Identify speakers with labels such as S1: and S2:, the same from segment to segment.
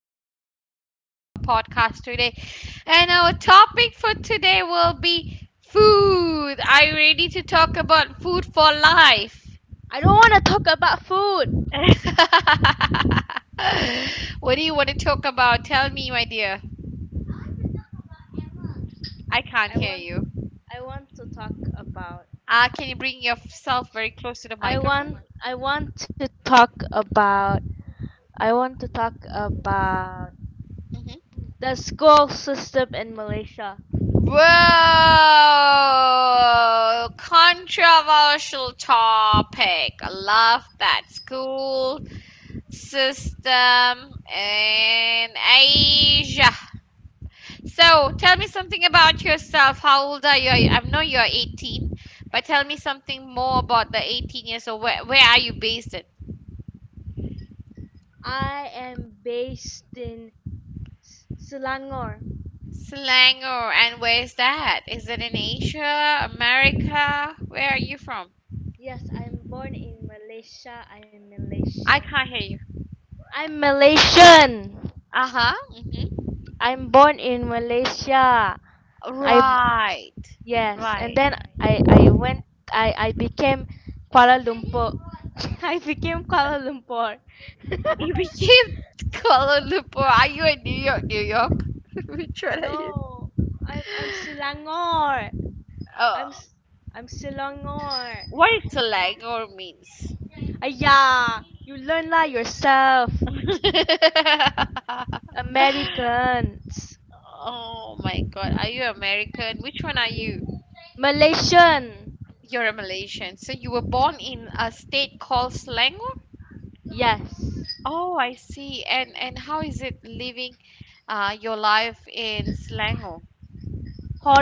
S1: so nice to have you in our podcast today. And our topic for today will be food. Are you ready to talk about food for life?
S2: I don't want to talk about food.
S1: What do you want to talk about? Tell me, my dear. I can't
S2: I
S1: hear
S2: want
S1: you.
S2: I want to talk about
S1: Can you bring yourself very close to the
S2: I
S1: microphone?
S2: want I want to talk about I want to talk about
S1: Mm-hmm.
S2: the school system in Malaysia.
S1: Whoa! Controversial topic. I love that school system in Asia. So, tell me something about yourself. How old are you? I know you're 18, but tell me something more about the 18 years old. Where are you based in?
S2: I am based in Selangor.
S1: Selangor, and where is that? Is it in Asia, America? Where are you from?
S2: Yes, I'm born in Malaysia. I'm
S1: I
S2: Malaysian.
S1: can't hear you.
S2: I'm Malaysian.
S1: Uh huh. Hmm.
S2: I'm born in Malaysia. I'm
S1: Right,
S2: Yes, and
S1: right.
S2: then I became Kuala Lumpur. I became Kuala Lumpur.
S1: You became Kuala Lumpur. Are you in New York? New York? Which one are you?
S2: No, I'm Selangor. I'm
S1: Oh,
S2: S- I'm Selangor.
S1: what is slang or means?
S2: Ayah, you learn lah yourself. Americans,
S1: Oh my God. Are you American? Which one are you?
S2: Malaysian.
S1: You're a Malaysian. So you were born in a state called Selangor?
S2: Yes,
S1: Oh, I see. And how is it living your life in Selangor?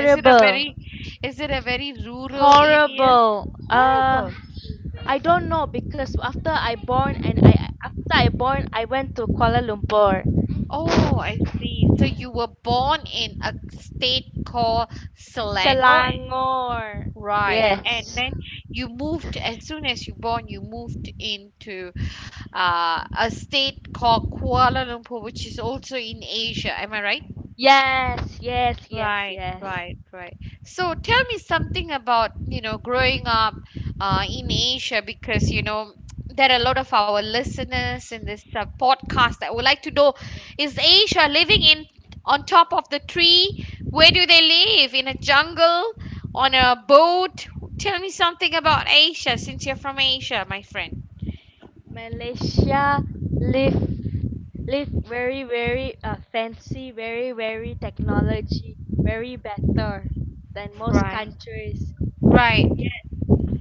S1: Is it a very, is it a very rural area?
S2: horrible.
S1: Horrible.
S2: I don't know because after I born I went to Kuala Lumpur,
S1: Oh, I see. So you were born in a state called Selangor,
S2: Selangor.
S1: right? And
S2: Yes.
S1: then you moved as soon as you born, you moved into a state called Kuala Lumpur, which is also in Asia. Am I right?
S2: Yes, yes, yes,
S1: Right,
S2: yes.
S1: right, right. So tell me something about, you know, growing up in Asia because, you know, there are a lot of our listeners in this podcast that would like to know is Asia living in on top of the tree? Where do they live? In a jungle? On a boat? Tell me something about Asia since you're from Asia, my friend.
S2: Malaysia live live very very fancy, very very technology, very better than most
S1: Right.
S2: countries.
S1: Right.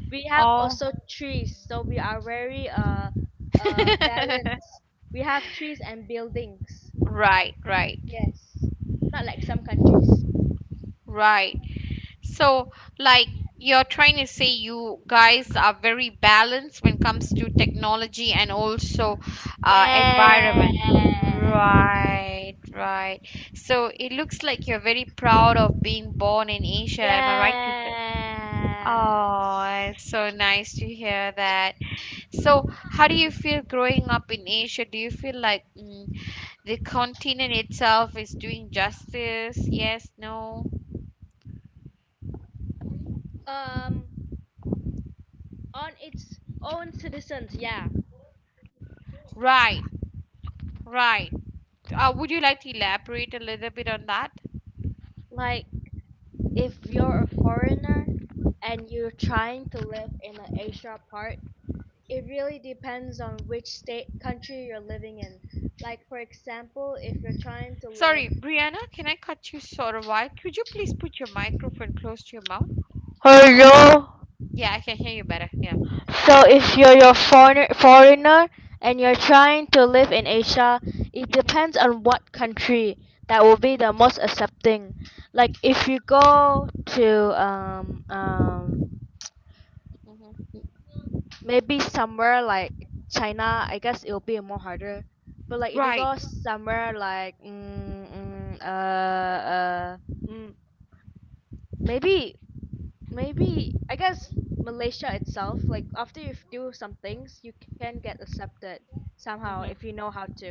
S2: We have
S1: Oh.
S2: also trees, so we are very balanced. We have trees and buildings.
S1: Right, right,
S2: Yes. Not like some countries.
S1: right. So, like, you're trying to say, you guys are very balanced when it comes to technology and also
S2: Yes.
S1: environment. Right, right. So it looks like you're very proud of being born in Asia. Am I right to
S2: Yes.
S1: say? Oh, it's so nice to hear that. So, how do you feel growing up in Asia? Do you feel like the continent itself is doing justice? Yes, no?
S2: Um, on its own citizens, yeah.
S1: Right, right. Would you like to elaborate a little bit on that?
S2: Like if you're a
S1: Mhm.
S2: foreigner and you're trying to live in an Asia part, it really depends on which state country you're living in. Like for example, if you're trying to live.
S1: Sorry, Brianna, can I cut you sort of while? Could you please put your microphone close to your mouth?
S2: Hello?
S1: Yeah, I can hear you better. Yeah.
S2: So if you're your foreigner and you're
S1: Mm-hmm,
S2: trying to live in Asia, it
S1: mm-hmm,
S2: depends on what country that will be
S1: mm-hmm,
S2: the most accepting. Like if you go to um um
S1: mm-hmm.
S2: maybe somewhere like China, I guess it will be more harder. But like if you go
S1: Right.
S2: somewhere like uh mm, maybe maybe I guess Malaysia itself, like after you do some things, you can get accepted somehow if you
S1: Mm-hmm,
S2: know how to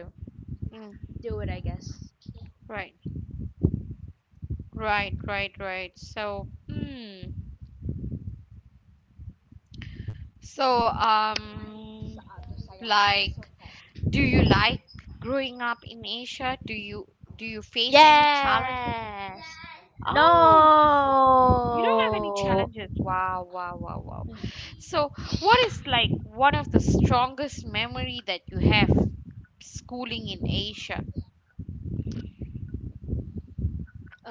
S1: mm.
S2: do it. I guess.
S1: Right. Right. Right. Right.
S2: Sabtu
S1: So,
S2: saya. Sabtu saya. You're so fat.
S1: So, like, do you like growing up in Asia? Do you face any
S2: Yes.
S1: challenges? Oh, you don't have
S2: No.
S1: any challenges. Wow, wow, wow, wow. So, what is like one of the strongest memory that you have schooling in Asia?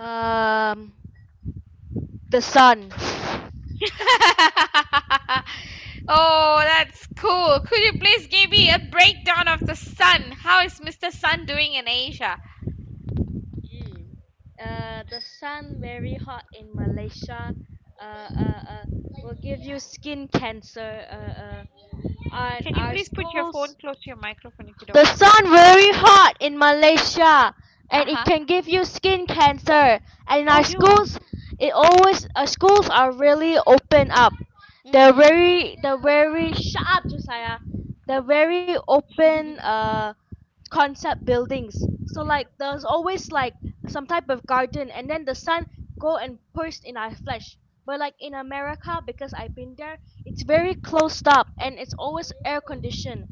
S2: Um, the sun.
S1: Oh, that's cool. Could you please give me a breakdown of the sun? How is Mr. Sun doing in Asia?
S2: Mm. The sun very hot in Malaysia. Uh, uh, uh, will give you skin cancer. And
S1: Can you
S2: our
S1: please put your
S2: schools.
S1: phone close to your microphone if you
S2: The
S1: don't mind?
S2: sun very hot in Malaysia,
S1: Uh
S2: and it
S1: huh.
S2: can give you skin cancer. And in
S1: Oh
S2: our
S1: no.
S2: schools, it always schools are really open up. They're
S1: Mm-mm.
S2: very shut up, Josiah. They're very open, Concept buildings. So like there's always like some type of garden and then the sun go and burst in our flesh. But like in America, because I've been there, it's very closed up and it's always air conditioned.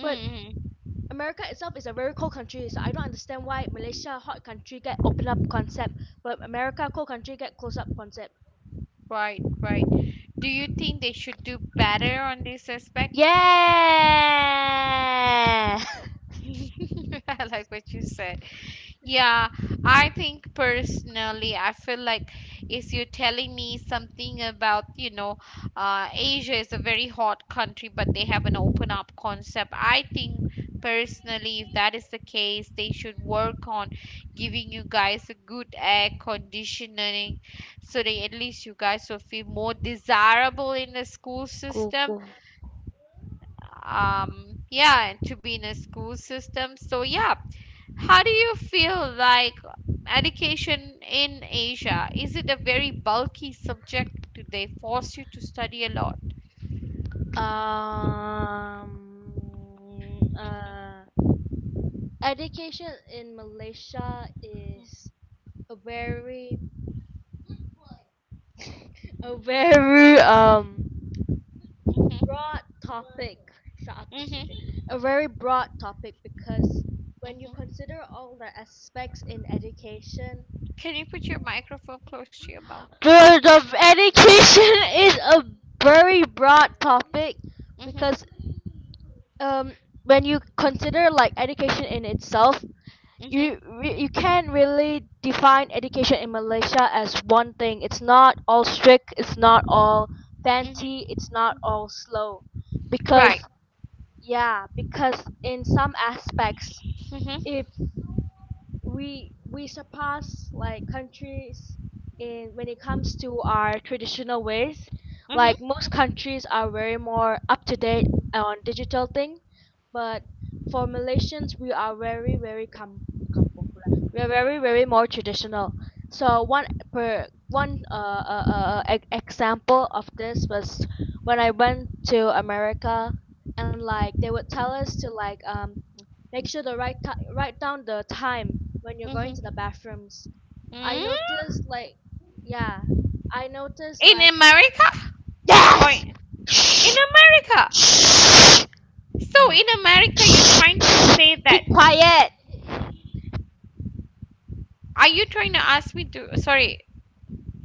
S2: But America itself is a very cold country, so I don't understand why Malaysia hot country get open up concept, but America cold country get closed up concept.
S1: Right, right. Do you think they should do better on this aspect?
S2: Yeah.
S1: I like what you said. Yeah, I think personally, I feel like if you're telling me something about, you know, Asia is a very hot country, but they have an open up concept. I think personally, if that is the case, they should work on giving you guys a good air conditioning so that at least you guys will feel more desirable in the school
S2: Cool,
S1: system,
S2: cool.
S1: yeah. And to be in a school system, so yeah, how do you feel like education in Asia? Is it a very bulky subject? Do they force you to study a lot?
S2: Um.
S1: Mhm,
S2: Uh. Education in Malaysia is a very a very
S1: mhm,
S2: broad topic. Shut up, just Suji.
S1: mhm,
S2: A very broad topic because when you
S1: mhm.
S2: consider all the aspects in education,
S1: Can you put your microphone close to your mouth?
S2: the education is a very broad topic
S1: Hmm.
S2: because um when you consider like education in itself,
S1: Hmm.
S2: you can't really define education in Malaysia as one thing. It's not all strict. It's not all
S1: Hmm.
S2: fancy. It's not all slow,
S1: Right.
S2: because, yeah, because in some aspects, if
S1: Hmm.
S2: we surpass like countries in when it comes to our traditional ways.
S1: Hmm.
S2: Like most countries are very more up to date on digital thing, but for Malaysians we are very very kampung pula. We are very very more traditional. So one per one example of this was when I went to America and like they would tell us to like make sure to write down the time when you're going to the
S1: Hmm.
S2: bathrooms. I
S1: Mm.
S2: noticed like yeah, I noticed
S1: In
S2: like
S1: america or
S2: yes.
S1: in
S2: Shh.
S1: america
S2: Shh.
S1: so
S2: Oh.
S1: in America you're
S2: Shh.
S1: trying to
S2: Shh.
S1: say that.
S2: Keep quiet.
S1: Are you trying to ask me to?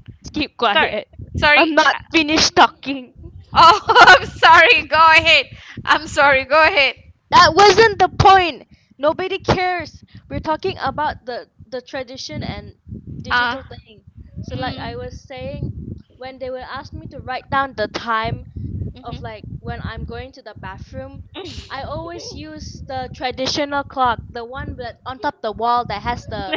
S2: Yes, keep
S1: sorry,
S2: quiet.
S1: sorry.
S2: I'm not finished talking.
S1: Oh, I'm sorry. Go ahead. I'm sorry. Go ahead.
S2: That wasn't the point. Nobody cares. We're talking about the tradition and
S1: Uh,
S2: digital thing. So like
S1: mm,
S2: I was saying, when they will ask me to write down the time of
S1: mhm.
S2: like when I'm going to the bathroom, I always use the traditional clock, the one that on top the wall that has the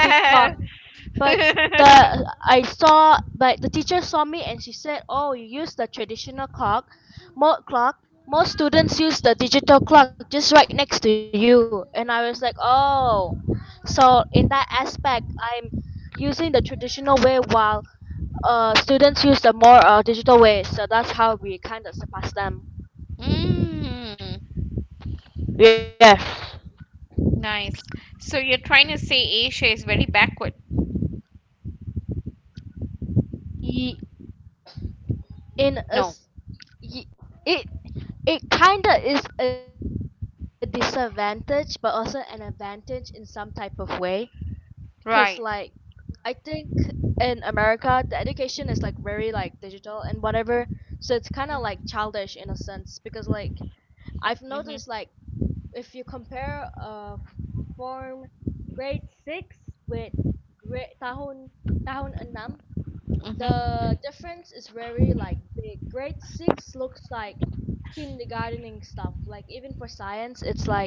S2: big clock. But the teacher saw me and she said, "Oh, you use the traditional clock, mo clock. most students use the digital clock just right next to you." And I was like, "Oh." So in that aspect, I'm using the traditional way while students use the more digital way. So that's how we kind of surpass them.
S1: Mm,
S2: Yes.
S1: nice. So you're trying to say Asia is very backward?
S2: Ye- in a
S1: No.
S2: s- ye- it it kinda is a disadvantage but also an advantage in some type of way because like
S1: Right.
S2: I think in America the education is like very, like digital and whatever, so it's kind of like childish in a sense because, like, I've noticed like
S1: Mm-hmm,
S2: if you compare form grade 6 with grade tahun enam.
S1: mm-hmm,
S2: The difference is very like big. Grade six looks like kindergartening stuff. Like even for science, it's like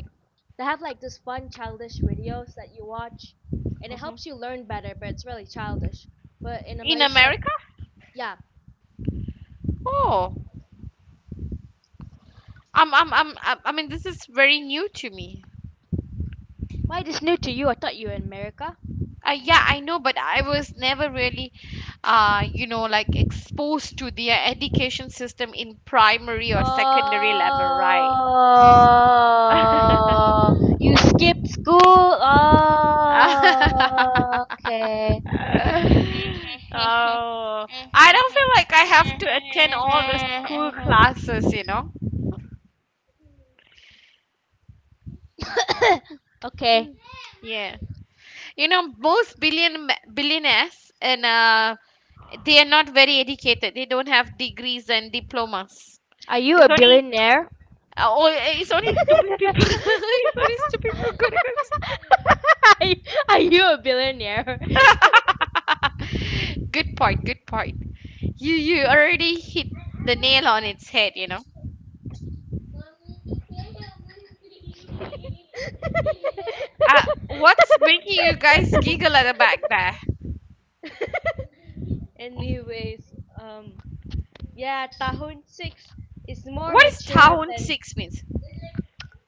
S2: they have like this fun childish videos that you watch, and it
S1: hmm.
S2: helps you learn better. But it's really childish. But in
S1: In
S2: Malaysia,
S1: America?
S2: yeah.
S1: Oh, I mean, this is very new to me.
S2: Why this new to you? I thought you were in America.
S1: Yeah,
S2: Mm.
S1: I know, but I was never really, you know, like exposed to the education system in primary or secondary level, right?
S2: Oh, you skipped school. Oh, okay.
S1: Oh, I don't feel like I have to attend all the school classes, you know?
S2: okay.
S1: Yeah. You know, most billionaires and they are not very educated. They don't have degrees and diplomas.
S2: Are you a
S1: It's only—
S2: billionaire?
S1: oh, eh, it's only stupid people. It's only stupid people gonna
S2: are are you a billionaire?
S1: go. Good point. Good point. You already hit the nail on its head. You know. What's making you guys giggle at the back there?
S2: Anyways, um, yeah, tahun six is more
S1: What is
S2: mature
S1: town
S2: than
S1: six means?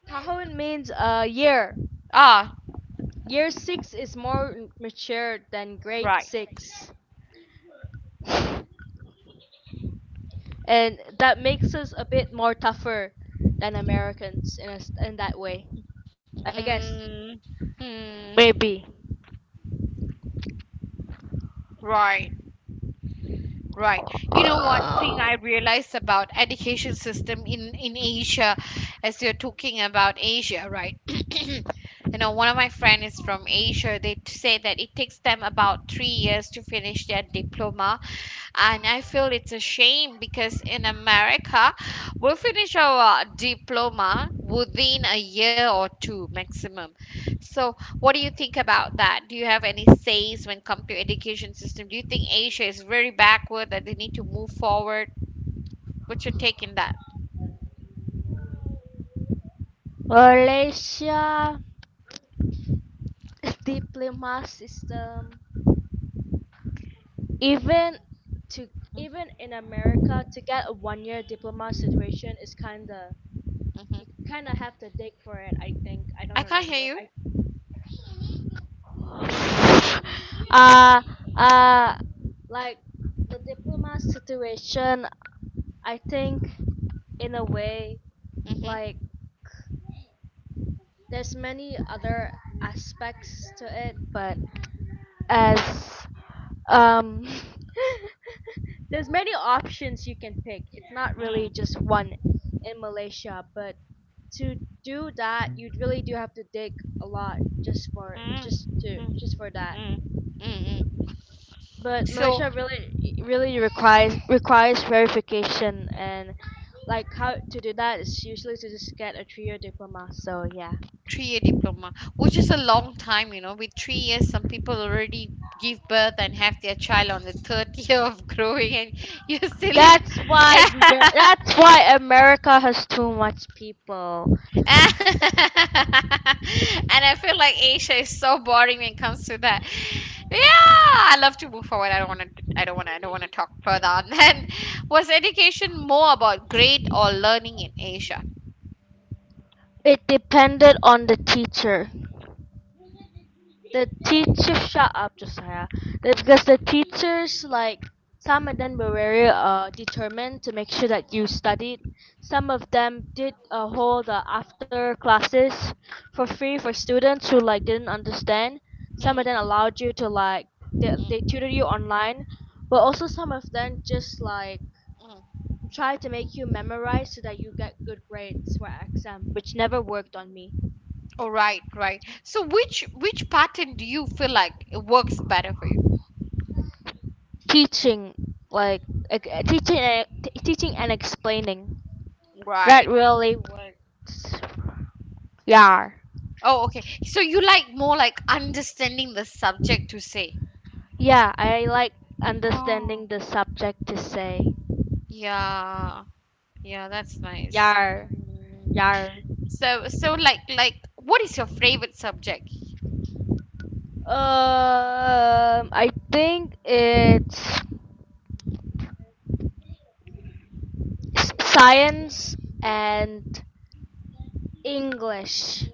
S2: tahun means a year.
S1: Ah,
S2: Year six is more mature than grade
S1: right.
S2: six, and that makes us a bit more tougher than Americans in that way. I guess
S1: Mm, hmm,
S2: maybe.
S1: right. Right. You know what thing I realized about education system in Asia, as you're talking about Asia, right? You know, one of my friends is from Asia. Say that it takes them about 3 years to finish their diploma, and I feel it's a shame because in America, we finish our diploma within a year or two maximum. So, what do you think about that? Do you have any says when come to education system? Do you think Asia is very backward that they need to move forward? What's your take in that?
S2: Malaysia diploma system. Even to
S1: Mm-hmm.
S2: even in America, to get a 1-year diploma situation is kinda you
S1: Mm-hmm.
S2: kinda have to dig for it. I think I don't
S1: I can't
S2: remember.
S1: hear
S2: I
S1: you.
S2: uh, uh, like the diplomat situation, I think in a way, like
S1: Mm-hmm.
S2: there's many other aspects to it, but as um, there's many options you can pick. It's not really just one in Malaysia, but to do that, you really do have to dig a lot just for
S1: Mm-hmm.
S2: just for that.
S1: Mm-hmm.
S2: But
S1: So,
S2: Malaysia really requires verification, and like how to do that is usually to just get a 3-year diploma. So yeah.
S1: 3 year diploma, which is a long time. You know, with 3 years some people already give birth and have their child on the third year of growing, and you're still in, and
S2: That's why America has too much people.
S1: I feel like Asia is so boring when it comes to that. Yeah, I love to move forward. I don't want to I don't want to I don't want to talk further on that. Was education more about grade or learning in Asia?
S2: It depended on the teacher. The teacher shut up, Josiah. That's because the teachers, like some of them were very determined to make sure that you studied. Some of them did hold after classes for free for students who like didn't understand.
S1: Mm,
S2: Some of them
S1: mm,
S2: allowed you to like they,
S1: mm,
S2: they
S1: mm.
S2: tutored you online, but also some of them just like
S1: Mm.
S2: tried to make you memorize so that you get good grades for exam, which never worked on me.
S1: All right, right. So which pattern do you feel like it works better for you?
S2: Teaching like ex- teaching and- t- Teaching and explaining, that
S1: Right.
S2: really works. Yar.
S1: Oh, okay. So you like more like understanding the subject to say.
S2: Yeah, I like
S1: Oh.
S2: understanding the subject to say.
S1: Yeah. Yeah, that's nice.
S2: Yar.
S1: Mm.
S2: Yar.
S1: So like what is your favorite subject?
S2: I think it's science and English,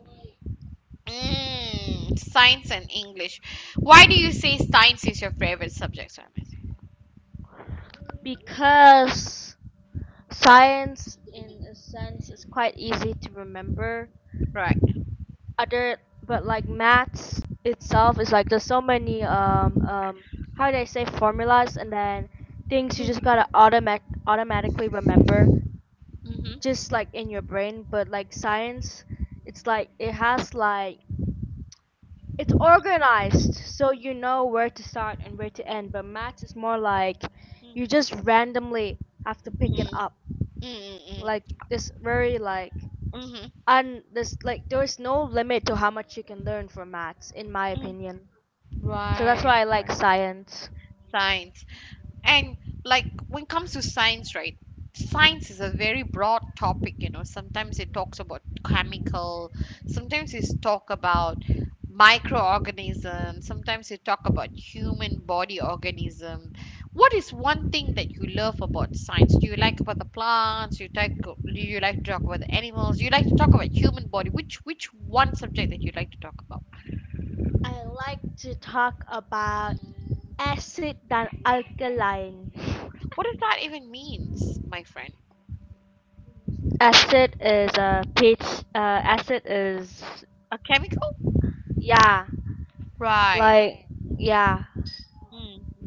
S1: Mm, science and English. Why do you say science is your favorite subject, Ramesh?
S2: because science in a sense is quite easy to remember
S1: Right.
S2: other but like maths itself is like there's so many how do I say formulas, and then things you just gotta automatically remember, just
S1: Mm-hmm.
S2: like in your brain. But like science, it's like it has like it's organized, so you know where to start and where to end, but maths is more like you just randomly have to pick it
S1: Mm-hmm.
S2: up, like this, very like.
S1: Mm-hmm.
S2: And there's like there's no limit to how much you can learn from maths in my
S1: Mm-hmm.
S2: opinion. So that's
S1: Right,
S2: why I like
S1: right.
S2: science.
S1: Science. And like when it comes to science, right? Science is a very broad topic, you know. Sometimes it talks about chemical, sometimes it talk about microorganism, sometimes it talk about human body organism. What is one thing that you love about science? Do you like about the plants? You like do you like to talk about the animals? Do you like to talk about human body? Which one subject that you like to talk about?
S2: I like to talk about acid than alkaline.
S1: What does that even means, my friend?
S2: Acid is a pH. Acid is
S1: A chemical?
S2: yeah,
S1: Right.
S2: like yeah.
S1: Hmm.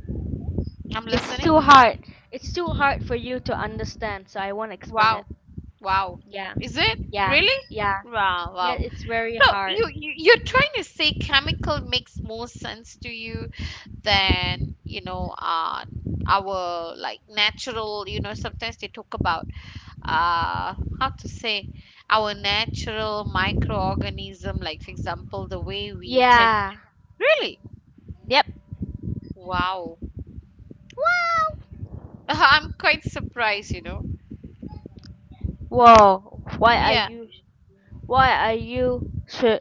S1: I'm
S2: It's too
S1: listening.
S2: hard. It's too hard for
S1: Mm.
S2: you to understand, so I won't explain
S1: Wow.
S2: it.
S1: Wow.
S2: Yeah,
S1: Is it
S2: yeah,
S1: really?
S2: yeah,
S1: Wow.
S2: yeah.
S1: Wow.
S2: It's very
S1: So
S2: hard.
S1: you're trying to say chemical makes more sense to you than, you know, our like natural, you know, sometimes they talk about how to say, our natural microorganism, like for example the way we tend,
S2: Yeah.
S1: really,
S2: Yep.
S1: wow. I'm quite surprised, you know.
S2: Whoa.
S1: Yeah.
S2: Why are you sur-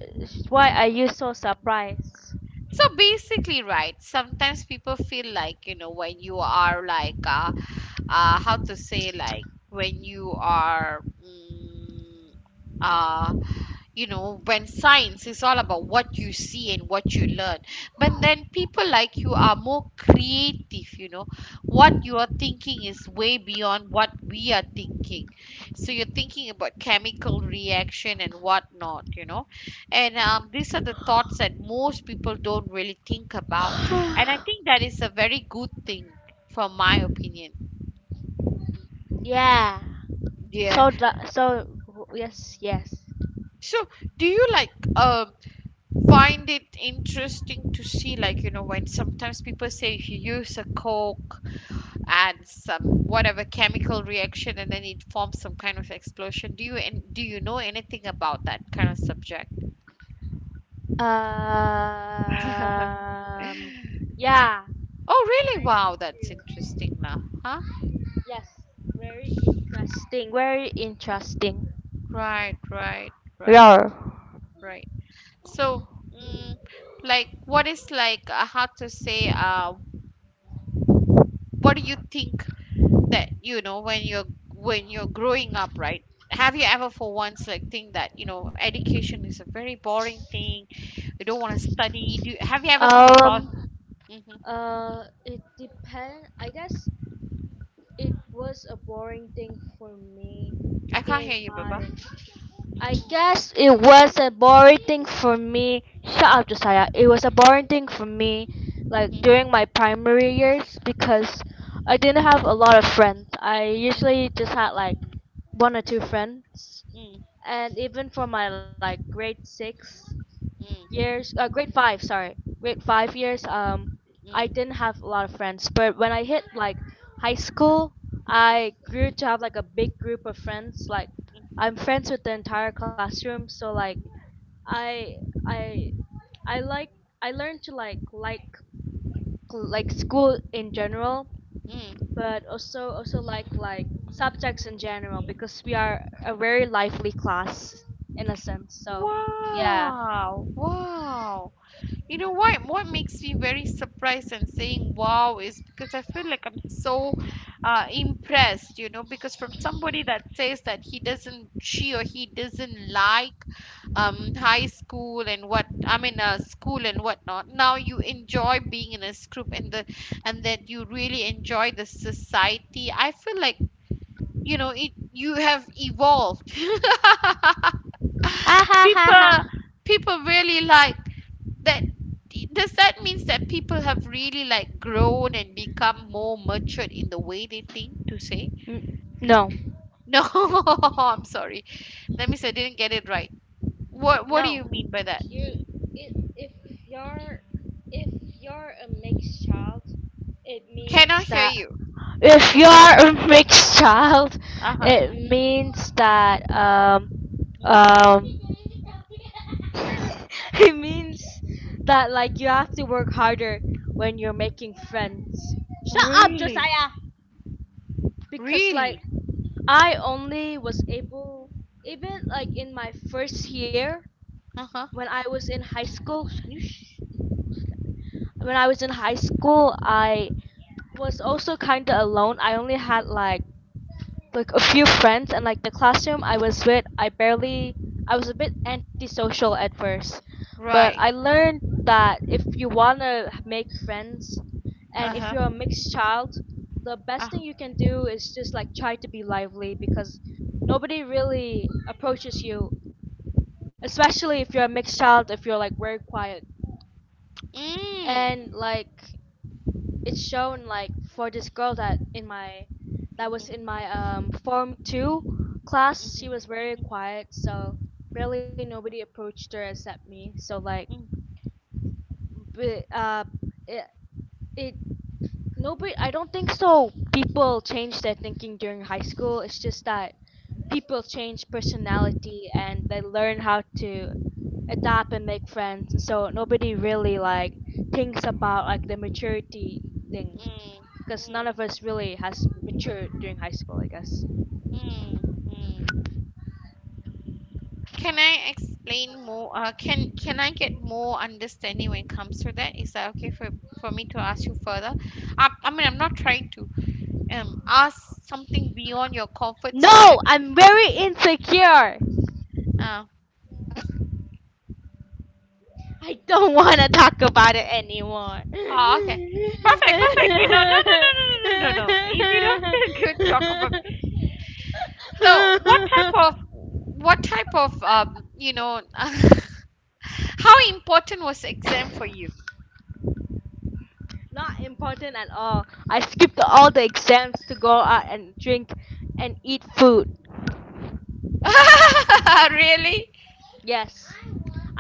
S2: why are you so surprised?
S1: So basically, right, sometimes people feel like, you know, when you are like, how to say, like, when you are, uh, you know, when science is all about what you see and what you learn, but then people like you are more creative, you know. What you are thinking is way beyond what we are thinking. So you're thinking about chemical reaction and whatnot, you know. And these are the thoughts that most people don't really think about, and I think that is a very good thing from my opinion.
S2: Yeah.
S1: Yeah.
S2: So yes, yes.
S1: So do you like, um find it interesting to see, like, you know, when sometimes people say if you use a coke and some whatever chemical reaction and then it forms some kind of explosion, do you— and do you know anything about that kind of subject?
S2: Um yeah.
S1: Oh really,
S2: I
S1: wow,
S2: do.
S1: that's interesting now, huh?
S2: Yes, very interesting. Very interesting.
S1: Right, right, right,
S2: Yeah.
S1: right. So, mm, like what is like, how to say, what do you think that, you know, when you're— when you're growing up, right, have you ever for once like think that, you know, education is a very boring thing, you don't want to study? Do— have you ever come across?
S2: Um
S1: Hmm.
S2: it depend I guess it was a boring thing for me,
S1: I can't hear
S2: in
S1: you, baba.
S2: my I guess it was a boring thing for me. Shut up, Josiah. It was a boring thing for me, like during
S1: Mhm,
S2: my primary years, because I didn't have a lot of friends. I usually just had like one or two friends,
S1: mm,
S2: and even for my like grade 6 years
S1: mm,
S2: grade five, sorry, grade 5 years, I
S1: mm,
S2: didn't
S1: mm,
S2: have a lot of friends, but when I hit like high school,
S1: mm, mhm,
S2: I grew to have like a big group of friends, like
S1: mm,
S2: I'm friends with the entire classroom, so like i i i like I learned to like school in general,
S1: mm.
S2: but also like subjects in general because we are a very lively class in a sense. Yeah.
S1: Wow, wow. You know why? What makes me very surprised and saying wow is because I feel like I'm so impressed, you know, because from somebody that says that he doesn't, she or he doesn't like high school and school and whatnot. Now you enjoy being in a group and that you really enjoy the society. I feel like, you have evolved. people,
S2: Ha.
S1: people really like that. Does that means that people have really like grown and become more matured in the way they think to say.
S2: n- no,
S1: No, I'm sorry, that means I didn't get it right. What
S2: No,
S1: do you mean by that?
S2: you
S1: Mm.
S2: it you're if you're a mixed child, it
S1: Cannot
S2: means
S1: hear
S2: that
S1: you.
S2: if you are a mixed child,
S1: Uh-huh.
S2: it means that
S1: Hmm.
S2: um it means that like you have to work harder when you're making friends. Shut up,
S1: Really?
S2: Josiah. Because like
S1: Really.
S2: I only was able, even like in my first year
S1: Uh-huh.
S2: when I was in high school. When I was in high school, I was also kind of alone. I only had like a few friends, and like the classroom I was with, I was a bit antisocial at first, but I
S1: Right.
S2: learned that if you want to make friends, and if
S1: Uh-huh.
S2: you're a mixed child, the best
S1: Ah,
S2: thing you can do is just like try to be lively, because nobody really approaches you, especially if you're a mixed child, if you're like very quiet. And
S1: mm.
S2: like it's shown like for this girl that was
S1: Mm-hmm.
S2: in my form two class.
S1: Mm-hmm.
S2: She was very
S1: Mm-hmm.
S2: quiet, so really nobody approached her except me. So like
S1: Mm.
S2: but it, it nobody, I don't think so people change their thinking during high school. It's just that people change personality and they learn how to adapt and make friends. And so nobody really like thinks about like the maturity thing,
S1: Mm.
S2: because none
S1: Mm.
S2: of us really has matured during high school, I guess.
S1: Mm. Mm. Can I explain more? Can I get more understanding when it comes to that? Is that okay for me to ask you further? I mean, I'm not trying to ask something beyond your comfort zone. Like,
S2: No, I'm very insecure.
S1: uh,
S2: I don't want to talk about it anymore.
S1: oh, okay. Perfect, perfect. You know, no, no, no, no, no, no, no, no. If you don't feel good, talk about. So, what type of? What type of how important was exam for you?
S2: Not important at all. I skipped all the exams to go out and drink and eat food.
S1: Really?
S2: Yes,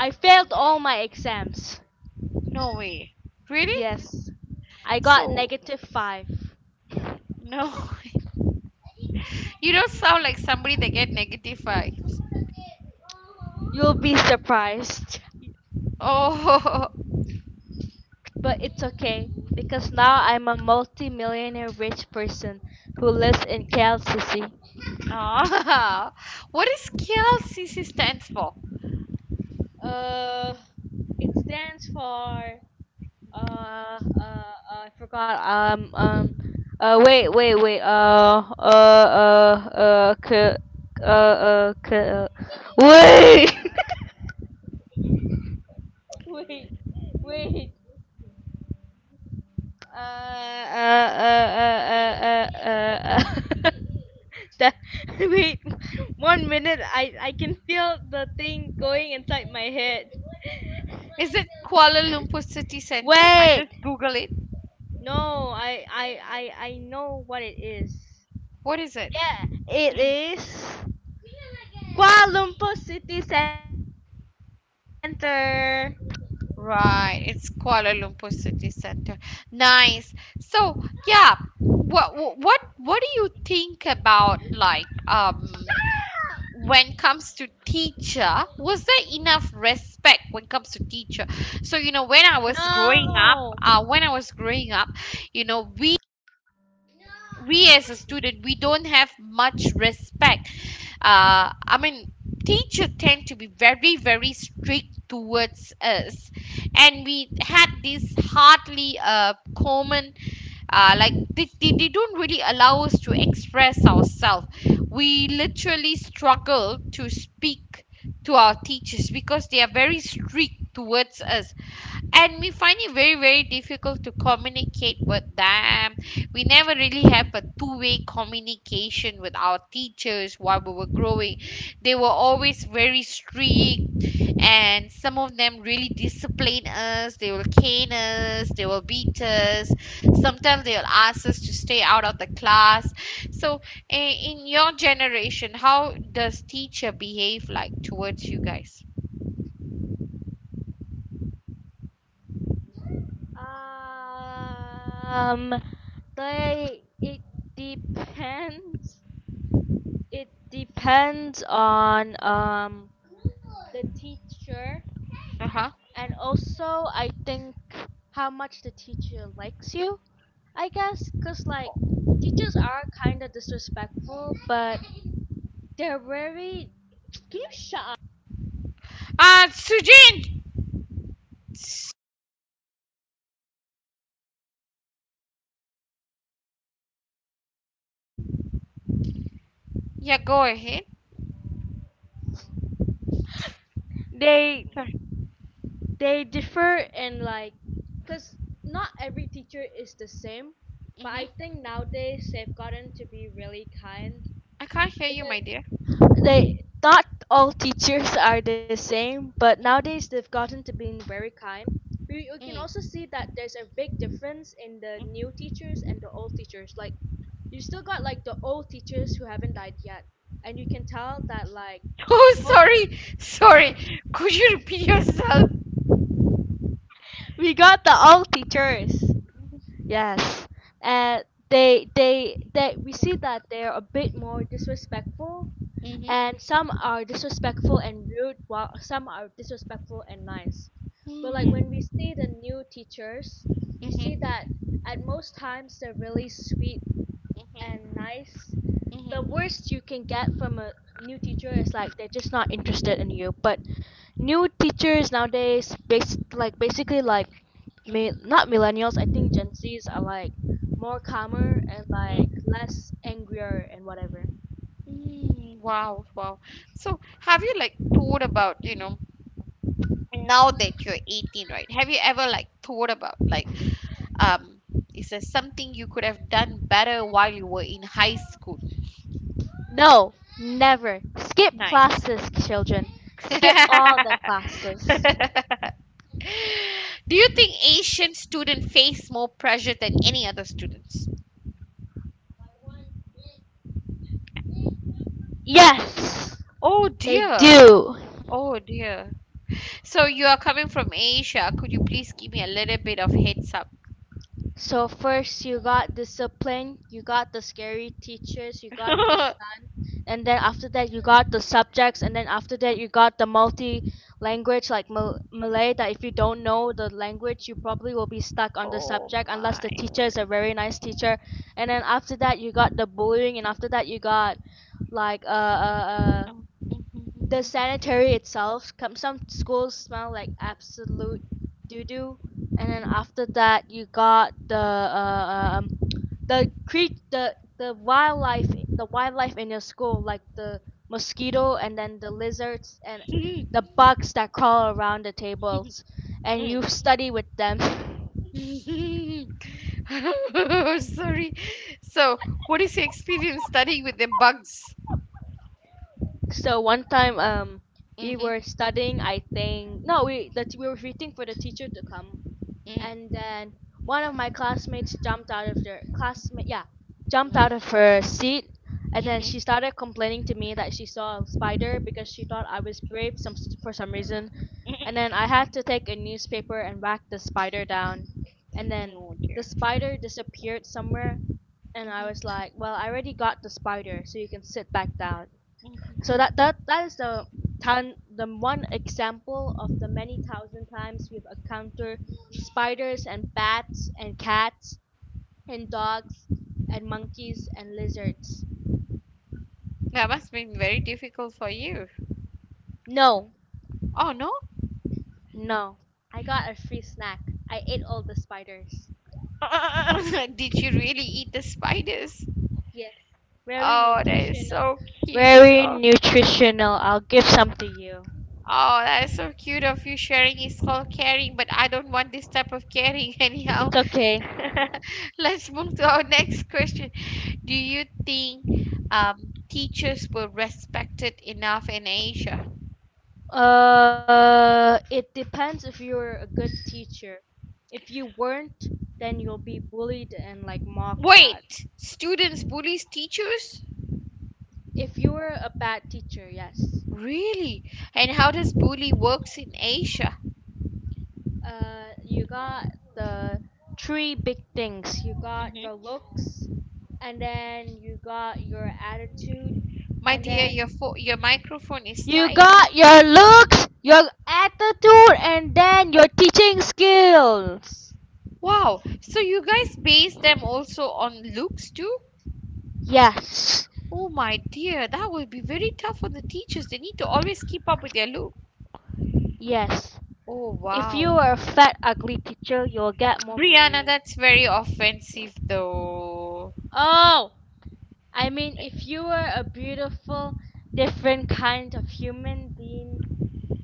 S2: I failed all my exams.
S1: No way. Really?
S2: Yes, I got
S1: So,
S2: negative five.
S1: no, you don't sound like somebody that get negative vibes.
S2: You'll be surprised,
S1: Oh,
S2: but it's okay because
S1: mm.
S2: now I'm a multi-millionaire rich person who lives in KLCC.
S1: Ah. What is KLCC stands for?
S2: Uh, it stands for I forgot wait wait wait k k wait wait wait uh uh uh uh uh uh uh that wait one minute. I can feel the thing going inside my head.
S1: Is it Kuala Lumpur City Center? I
S2: Wait,
S1: just Google it.
S2: no, I know what it is.
S1: What is it?
S2: Yeah, it
S1: Mm.
S2: is Kuala Lumpur City Center.
S1: Right, it's Kuala Lumpur City Center. Nice. So, yeah, what do you think about like when it comes to teacher, was there enough respect when it comes to teacher? So you know when I was growing up,
S2: No,
S1: when I was growing up, you know, we did. We as a student we don't have much respect. I mean, teacher tend to be very very strict towards us, and we had this hardly common, like they don't really allow us to express ourselves. We literally struggle to speak to our teachers because they are very strict towards us, and we find it very very difficult to communicate with them. We never really have a two-way communication with our teachers while we were growing. They were always very strict, and some of them really discipline us. They will cane us, they will beat us, sometimes they'll ask us to stay out of the class. So, in your generation, how does teacher behave like towards you guys?
S2: um, they it depends. It depends on the teacher.
S1: Uh-huh.
S2: And also, I think how much the teacher likes you, I guess, because like teachers are kind of disrespectful, but they're very. Can you shut up?
S1: Uh, sujin. Yeah, go ahead.
S2: They
S1: Sorry.
S2: they differ in like, because not every teacher is the same, but I
S1: Hmm.
S2: think nowadays they've gotten to be really kind
S1: I can't hear you,
S2: because
S1: my dear.
S2: They not all teachers are the same, but nowadays
S1: Mm-hmm.
S2: they've gotten to being very kind. We can also
S1: Mm.
S2: see that there's a big difference in the
S1: Mm.
S2: new teachers and the old teachers. Like you still got like the old teachers who haven't died yet, and you can tell that like
S1: Oh,
S2: most
S1: sorry. Sorry. Could you repeat yourself?
S2: we got the old teachers. Yes, and they we see that they're a bit more disrespectful,
S1: Mm-hmm.
S2: and some are disrespectful and rude, while some are disrespectful and nice. But like when
S1: Mm-hmm.
S2: we see the new teachers, we see
S1: Mm-hmm.
S2: that at most times they're really sweet and nice. The
S1: Mm-hmm.
S2: worst you can get from a new teacher is like they're just not interested in you. But new teachers nowadays like basically like
S1: Mm-hmm.
S2: not millennials, I think gen Z's are like more calmer and like
S1: Mm-hmm.
S2: less angrier and whatever.
S1: Wow, wow. So, have you like thought about, you know, now that you're 18, right? Have you ever like thought about like um is there something you could have done better while you were in high school?
S2: No, never. Skip
S1: Nice.
S2: classes, children. Skip all the classes.
S1: Do you think Asian students face more pressure than any other students?
S2: Yes,
S1: Oh
S2: they
S1: dear.
S2: do.
S1: Oh dear. So you are coming from Asia. Could you please give me a little bit of heads up?
S2: So first you got discipline, you got the scary teachers, you got the science, and then after that you got the subjects, and then after that you got the multi language like Malay, that if you don't know the language you probably will be stuck on the
S1: Oh
S2: subject unless
S1: my
S2: the teacher is a
S1: word.
S2: very nice teacher. And then after that you got the bullying, and after that you got like
S1: Oh.
S2: the sanitary itself. Come, some schools smell like absolute doo doo. And then after that you got the the wildlife, in your school, like the mosquito and then the lizards and the bugs that crawl around the tables, and you study with them.
S1: Mm. Sorry. So, what is your experience studying with the bugs?
S2: So one time, we were
S1: Mm-hmm.
S2: studying, I think no, we that we were waiting for the teacher to come, and
S1: Mm-hmm.
S2: then one of my classmates jumped out of their classmate yeah jumped out of her seat, and then she
S1: Mm-hmm.
S2: started complaining to me that she saw a spider because she thought I was brave some for some reason. And then I had to take a newspaper and whack the spider down, and
S1: Mm-hmm.
S2: then
S1: Oh dear.
S2: the spider disappeared somewhere. And I was
S1: Mm-hmm.
S2: like, well, I already got the spider, so you can sit back down.
S1: Mm-hmm.
S2: So that is the time the one example of the many thousand times we've encountered spiders and bats and cats and dogs and monkeys and lizards.
S1: That must have been very difficult for you.
S2: No,
S1: Oh no?
S2: no, I got a free snack. I ate all the spiders.
S1: Did you really eat the spiders?
S2: Yes, very
S1: Oh, that is
S2: nutritional.
S1: so cute
S2: Very
S1: of.
S2: nutritional, I'll give some to you.
S1: Oh, that is so cute of you, sharing is called caring, but I don't want this type of caring anyhow.
S2: It's okay.
S1: Let's move to our next question. Do you think um, teachers were respected enough in Asia?
S2: Uh, it depends if you're a good teacher. If you weren't, then you'll be bullied and like mocked at.
S1: Wait, students bullies teachers?
S2: If you were a bad teacher, yes.
S1: Really? And how does bully works in Asia?
S2: You got the three big things. You got
S1: Mhm.
S2: your looks, and then you got your attitude,
S1: My
S2: and
S1: dear, your
S2: then
S1: your microphone is
S2: you got
S1: slightly.
S2: your looks, your attitude, and then your teaching skills.
S1: Wow, so you guys base them also on looks too?
S2: Yes,
S1: Oh my dear, that will be very tough on the teachers. They need to always keep up with their look.
S2: yes.
S1: Oh
S2: If you
S1: wow.
S2: are a fat, ugly teacher, you'll get more
S1: Brianna,
S2: bullying.
S1: that's very offensive though.
S2: Oh, I mean, if you were a beautiful, different kind of human being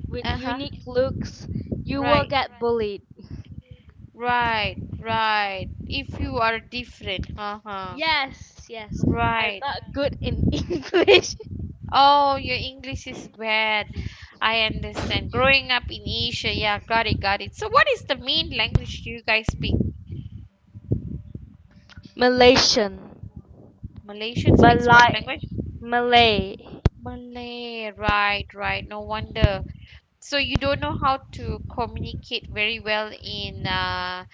S2: with
S1: Uh-huh.
S2: unique looks, you will
S1: Right.
S2: get bullied.
S1: Right. Right. If you are different. Uh-huh.
S2: Yes, yes. I'm
S1: Right.
S2: not good in English.
S1: Oh, your English is bad. I understand. Growing up in Asia, yeah, got it, got it. So, what is the main language you guys speak?
S2: Malaysian.
S1: Malaysian speaks what
S2: Malay.
S1: language?
S2: Malay.
S1: Malay, right, right. No wonder. So you don't know how to communicate very well in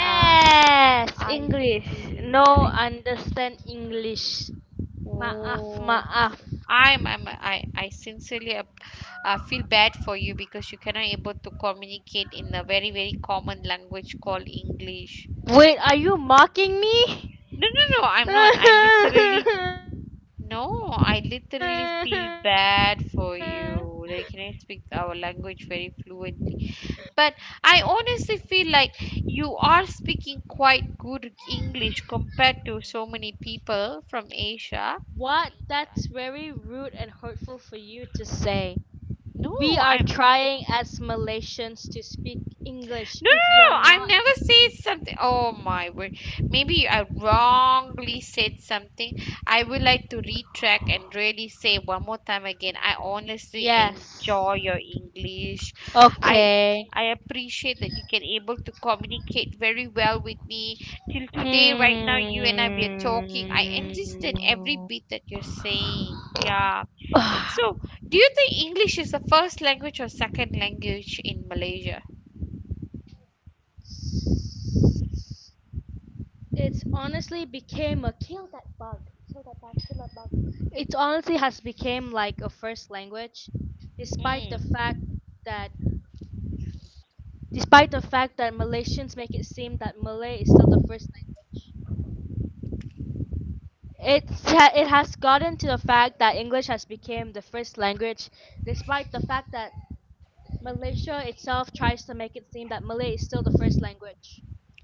S1: uh I
S2: English.
S1: see.
S2: No
S1: I
S2: understand English. Maaf,
S1: oh.
S2: maaf.
S1: I sincerely ap-, feel bad for you because you cannot able to communicate in a very very common language called English.
S2: Wait, are you mocking me?
S1: No, no, no, I'm not. I literally, no, I literally feel bad for you. Like, you know, you speak our language very fluently. But I honestly feel like you are speaking quite good English compared to so many people from
S2: What?
S1: Asia.
S2: That's very rude and hurtful for you to say. We
S1: No,
S2: are
S1: I'm
S2: trying as Malaysians to speak English. If
S1: no, no, no,
S2: you're
S1: no.
S2: not,
S1: I've never said something. Oh my word. Maybe I wrongly said something. I would like to retract and really say one more time again. I honestly
S2: yes.
S1: enjoy your English. I
S2: Okay.
S1: I appreciate that you can able to communicate very well with me. Till today, right
S2: Hmm.
S1: now, you and I we are talking. I understand every bit that you're saying. Yeah. So, do you think English is the first language or second language in Malaysia?
S2: S- It's honestly became a kill that bug, kill that bug, kill that bug. It honestly has become like a first language, despite the
S1: Hmm.
S2: fact that despite the fact that Malaysians make it seem that Malay is still the first language. It has gotten to the fact that English has become the first language, despite the fact that Malaysia itself tries to make it seem that Malay is still the first language.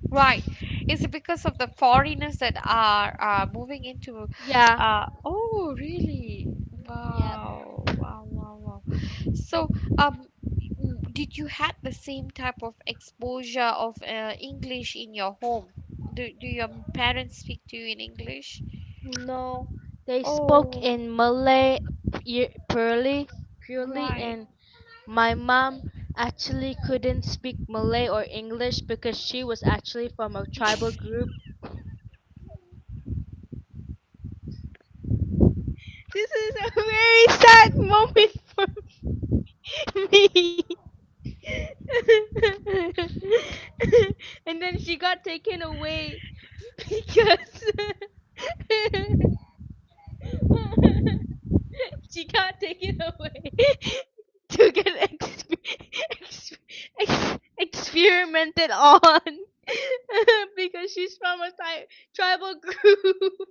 S1: Right. Is it because of the foreigners that are moving into
S2: Yeah.
S1: oh really?
S2: Yeah.
S1: Wow. Wow, wow, wow. So, um w- did you had the same type of exposure of English in your home? Do do your parents speak to you in English?
S2: No, they spoke
S1: Oh,
S2: in Malay purely,
S1: right.
S2: and my mom actually couldn't speak Malay or English because she was actually from a tribal group. This is a very sad moment for me. And then she got taken away because she can't take it away to get ex- experimented on because she's from a tribal group.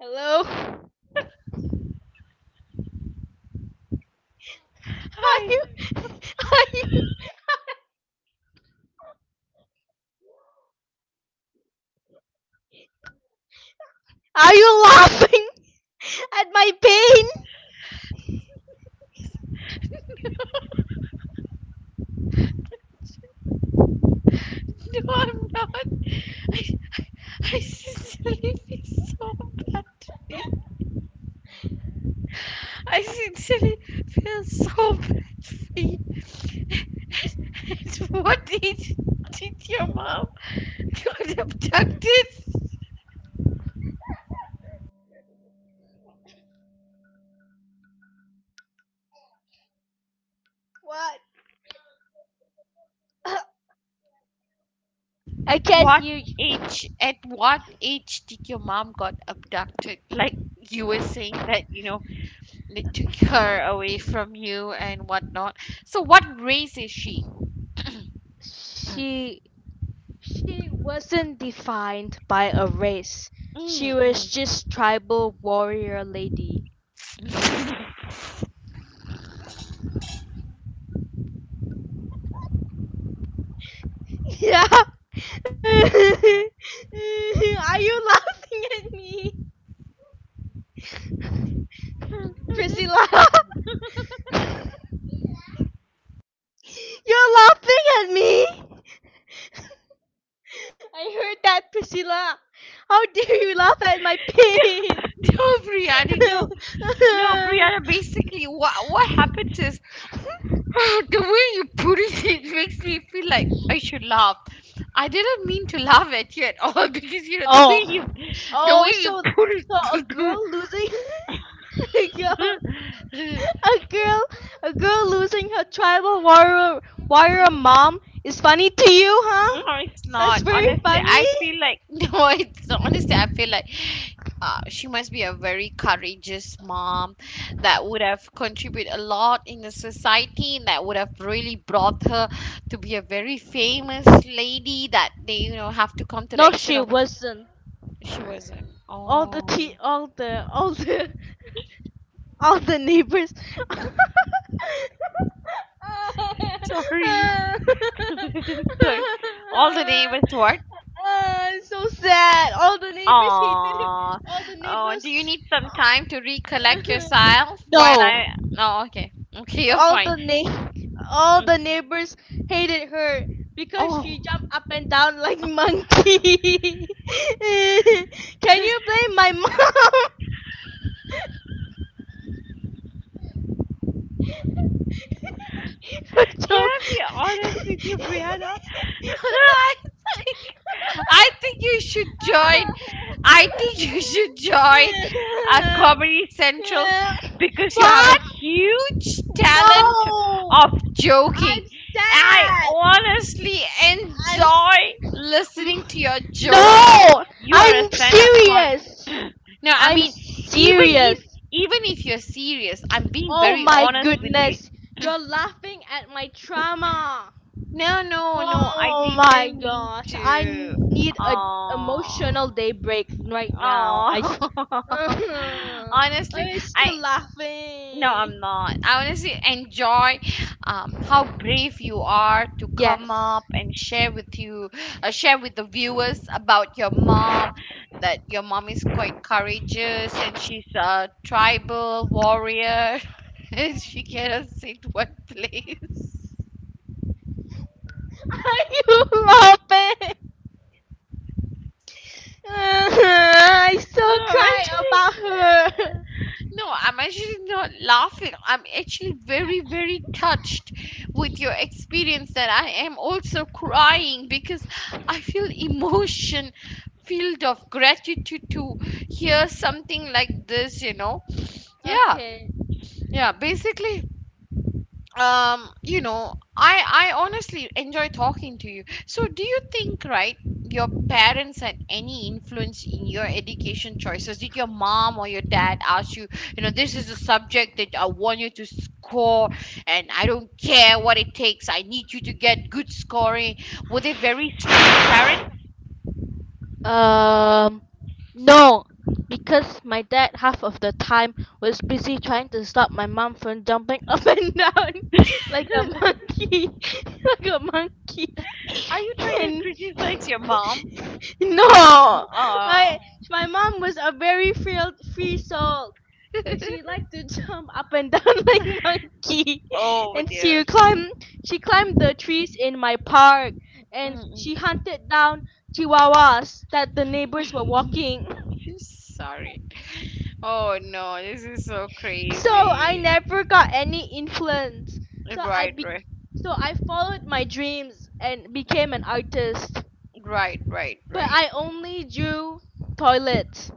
S2: Hello? Are
S1: Hi.
S2: you are you are you laughing at my pain?
S1: No, I'm not. I, I sincerely feel so bad for you. I sincerely feel so bad for you. And, and did your mom got abducted?
S2: I
S1: At
S2: can't
S1: what
S2: hear you.
S1: age? At what age did your mom got abducted? Like, you were saying that you know they took her away from you and whatnot. So what race is she?
S2: She She wasn't defined by a race. She
S1: Mm,
S2: was
S1: mm.
S2: just tribal warrior lady.
S1: No,
S2: Yeah. Are you laughing at me? Priscilla, you're laughing at me. I heard that, Priscilla. How dare you laugh at my pig?
S1: Brianna, no, no, Brianna. Basically, what happens is the way you put it, it makes me feel like I should laugh. I didn't mean to laugh at you at all because you know
S2: Oh.
S1: the way
S2: Oh,
S1: you
S2: so so a
S1: put
S2: girl losing a girl
S1: it.
S2: a girl a girl losing her tribal warrior warrior mom is funny to you,
S1: No,
S2: huh?
S1: it's not.
S2: That's very
S1: Honestly,
S2: funny.
S1: I feel like no, it's honestly, I feel like she must be a very courageous mom that would have contributed a lot in the society and that would have really brought her to be a very famous lady that they, you know, have to come to
S2: No,
S1: the
S2: she
S1: extent of.
S2: wasn't.
S1: She wasn't.
S2: All the tea,
S1: Oh,
S2: all the neighbors.
S1: sorry. Sorry. All the neighbors what?
S2: Ah, so sad. All the neighbors hated her.
S1: Aww.
S2: All the
S1: Oh, do you
S2: neighbors.
S1: need some time to recollect yourself while I?
S2: No,
S1: Oh, okay. Okay, you're
S2: All
S1: fine.
S2: the na- all the
S1: Mm.
S2: neighbors hated her because
S1: Oh,
S2: she jumped up and down like monkey. Can
S1: this
S2: you blame my mom for
S1: can
S2: jump?
S1: I be honest with you, Brianna? I think I think you should join. I think you should join a Comedy Central because you have a
S2: What?
S1: huge talent
S2: No!
S1: of
S2: I'm
S1: joking. I
S2: sad.
S1: honestly
S2: I'm s-
S1: enjoy listening to your jokes.
S2: no.
S1: You are a
S2: I'm
S1: stand-up con.
S2: serious.
S1: No, I
S2: I'm
S1: mean, even if
S2: serious.
S1: even if you're serious, I'm being
S2: Oh
S1: very
S2: my
S1: honest with you.
S2: goodness. You're laughing at my trauma.
S1: No, no, no, I
S2: Oh my
S1: didn't mean
S2: gosh. I
S1: to.
S2: need a emotional
S1: Oh,
S2: day break right now.
S1: oh.
S2: I Are
S1: Honestly,
S2: you still
S1: I no,
S2: laughing?
S1: I'm not. I honestly enjoy how brave you are to come
S2: Yes.
S1: up and share with you, share with the viewers about your mom. That your mom is quite courageous and she's a tribal warrior. She cannot sit one place.
S2: Are you laughing? I still
S1: No, I'm
S2: cry
S1: actually.
S2: about her.
S1: No, I'm actually not laughing. I'm actually very, very touched with your experience that I am also crying because I feel emotion filled of gratitude to hear something like this, you know. Yeah,
S2: Okay.
S1: yeah, basically you know I honestly enjoy talking to you. So do you think, right, your parents had any influence in your education choices? Did your mom or your dad ask you, you know, this is a subject that I want you to score, and I don't care what it takes, I need you to get good scoring. Were they very strict parents?
S2: Um, no, because my dad half of the time was busy trying to stop my mom from jumping up and down like a monkey, like a monkey.
S1: Are you trying to
S2: And
S1: criticize your
S2: no,
S1: mom? Oh.
S2: I my mom was a very free soul, but she liked to jump up and down like monkey,
S1: Oh
S2: and
S1: dear.
S2: she climbed the trees in my park,
S1: Mm,
S2: and she
S1: mm.
S2: hunted down chihuahuas that the neighbors were walking.
S1: Sorry. Oh no, this is so
S2: So I
S1: crazy.
S2: never got any influence. So I
S1: Right,
S2: be-
S1: right,
S2: so I followed my dreams and became an artist.
S1: right, right,
S2: But
S1: right.
S2: I only drew toilets.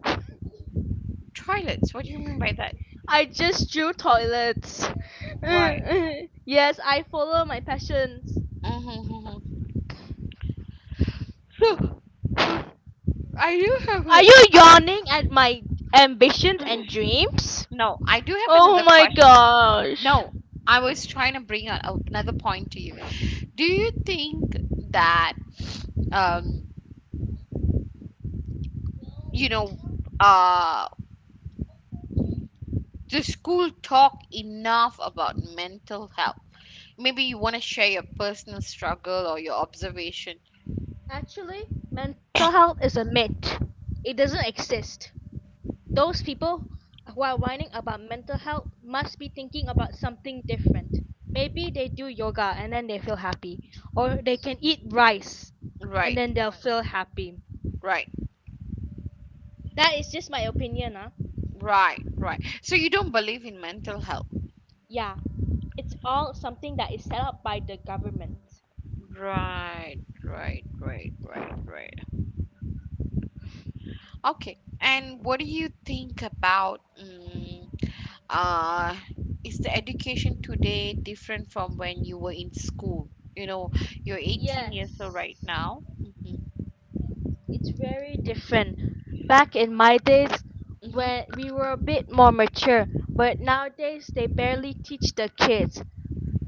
S1: Toilets, what do you mean by that?
S2: I just drew toilets.
S1: Right.
S2: Yes, I follow my passions.
S1: Mm-hmm. So, uh, I do have
S2: Are
S1: a.
S2: you yawning at my ambitions
S1: Uh,
S2: and dreams?
S1: no, I do have
S2: Oh
S1: another
S2: my
S1: question.
S2: gosh.
S1: No, I was trying to bring out another point to you. Do you think that, um, you know, uh, the school talk enough about mental health? Maybe you want to share your personal struggle or your observation.
S2: Actually, mental health is a myth. It doesn't exist. Those people who are whining about mental health must be thinking about something different. Maybe they do yoga and then they feel happy, or they can eat rice and
S1: Right,
S2: then they'll feel happy.
S1: right,
S2: That is just my opinion, huh?
S1: right, right. So you don't believe in mental health.
S2: Yeah, it's all something that is set up by the government.
S1: Right, right, right, right, right. Okay. And what do you think about uh is the education today different from when you were in school? You know, you're 18 years old
S2: Yes,
S1: right now. Mm-hmm.
S2: it's very different. Back in my days, when
S1: Mm-hmm.
S2: we were a bit more mature, but nowadays they barely
S1: Mm-hmm.
S2: teach the kids.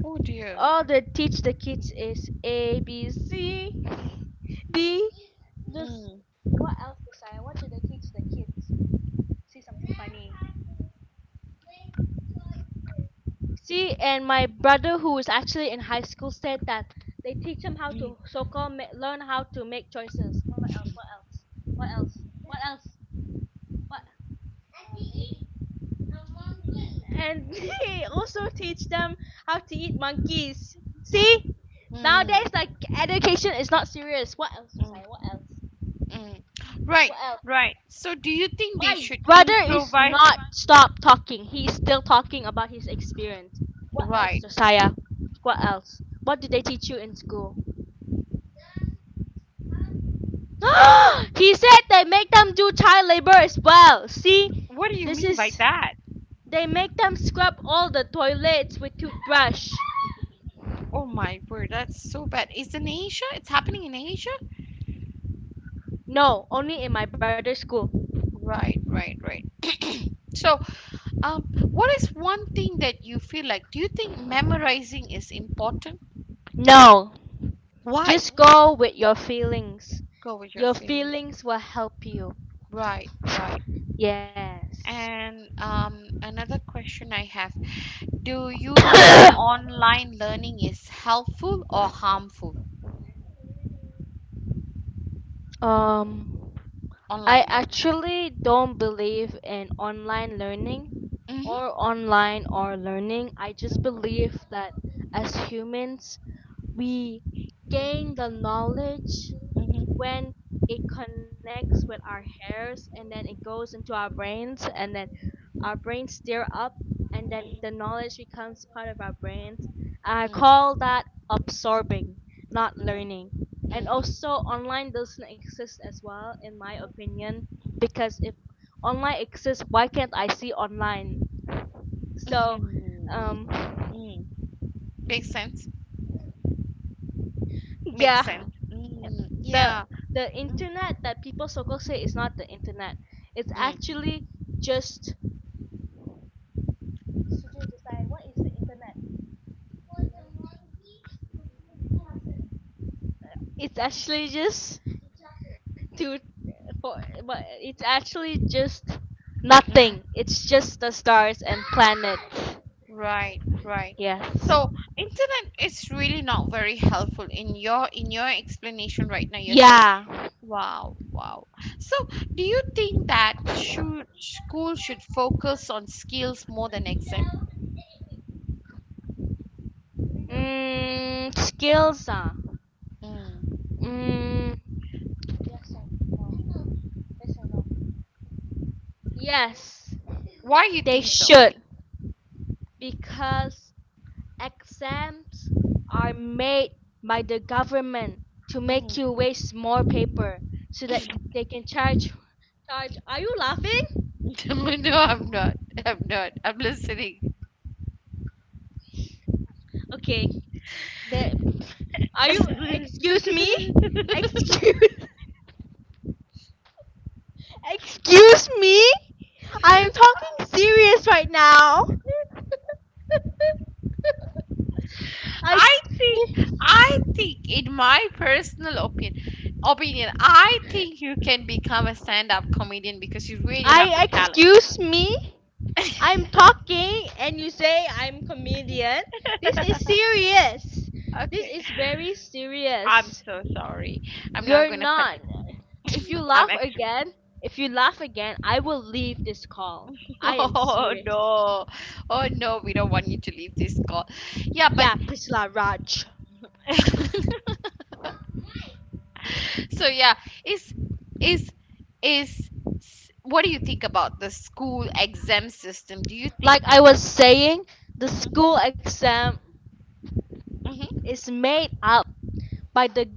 S1: Oh dear.
S2: All they teach the kids is A, B, C, D. Just
S1: Mm-hmm.
S2: what else, Josiah? What do they teach the kids? See something funny. See, and my brother, who is actually in high school, said that they teach them how to so-called learn how to make choices. What else? What else? What else? What else? What? And they also teach them how to eat monkeys. See, nowadays,
S1: Mm-hmm.
S2: like, education is not serious. What else, Josiah? What else?
S1: Mm. Right,
S2: What else?
S1: right. So do you think they
S2: My
S1: should
S2: brother is
S1: improvise?
S2: not stop talking. He's still talking about his experience. What else,
S1: Right.
S2: Josiah? What else? What did they teach you in school? He said they make them do child labor as well. See,
S1: What do you
S2: this
S1: mean by
S2: is
S1: that?
S2: they make them scrub all the toilets with toothbrush.
S1: Oh my word, that's so bad. It's in Asia? It's happening in Asia?
S2: "No, only in my brother's school."
S1: Right, right, right. So, um, what is one thing that you feel like? Do you think memorizing is important?
S2: "No,
S1: Why?
S2: just go with your feelings.
S1: Go with
S2: Your
S1: your feeling.
S2: feelings will help you."
S1: Right, right.
S2: "Yes."
S1: And another question I have. Do you think online learning is helpful or harmful?
S2: "Um,
S1: Online
S2: I
S1: learning.
S2: actually don't believe in online learning
S1: Mhm.
S2: or online or learning. I
S1: Mhm,
S2: just believe that as humans we gain the knowledge
S1: mhm, mhm,
S2: when it connects with our hairs, and then it goes into our brains, and then our brains stir up, and then
S1: mm,
S2: the knowledge becomes part of our brains. I
S1: mm,
S2: call that absorbing, not
S1: mm,
S2: learning. And
S1: mm,
S2: also online doesn't exist as well, in my opinion, because if online exists, why can't I see online?
S1: mhm,
S2: So
S1: mm,
S2: um
S1: mm. Makes sense. Makes
S2: yeah.
S1: sense. Mm,
S2: Yep. the
S1: yeah.
S2: the
S1: Mm,
S2: internet that people so called say is not the internet. It's
S1: mm,
S2: actually just, what is the internet? It's actually just to, for, but it's actually just
S1: mhm.
S2: nothing. It's just the stars and planets.
S1: Right, right.
S2: Yes.
S1: So internet is really not very helpful in your explanation right now. You're saying,
S2: Yeah.
S1: wow, wow. So do you think that should school should focus on skills more than exam?
S2: Mm, skills ah.
S1: Mm.
S2: Mm, yes.
S1: Why you
S2: They
S1: think so?
S2: should, because exams are made by the government to
S1: Mm.
S2: make you waste more paper so that they can charge. Are you laughing?
S1: No, I'm not. I'm not. I'm listening.
S2: Okay. The are you
S1: I
S2: excuse me? Excuse excuse me? I am talking serious right now. I
S1: I think, in my personal opinion, I think you can become a stand-up comedian because you really have the
S2: I
S1: talent.
S2: excuse me. I'm talking and you say I'm comedian. This is serious. This
S1: Okay,
S2: is very
S1: I'm
S2: serious.
S1: so sorry. I'm not
S2: You're
S1: gonna cut you.
S2: not. If you
S1: I'm
S2: laugh
S1: extreme.
S2: again, if you laugh again, I will leave this call. I am
S1: Oh
S2: serious.
S1: no, oh no, we don't want you to leave this call. Yeah, but
S2: Yeah, Priscilla Raj.
S1: so yeah, is is is what do you think about the school exam system? Do you
S2: Like
S1: think?
S2: I was saying, the
S1: Hmm,
S2: school exam is
S1: hmm,
S2: made up by the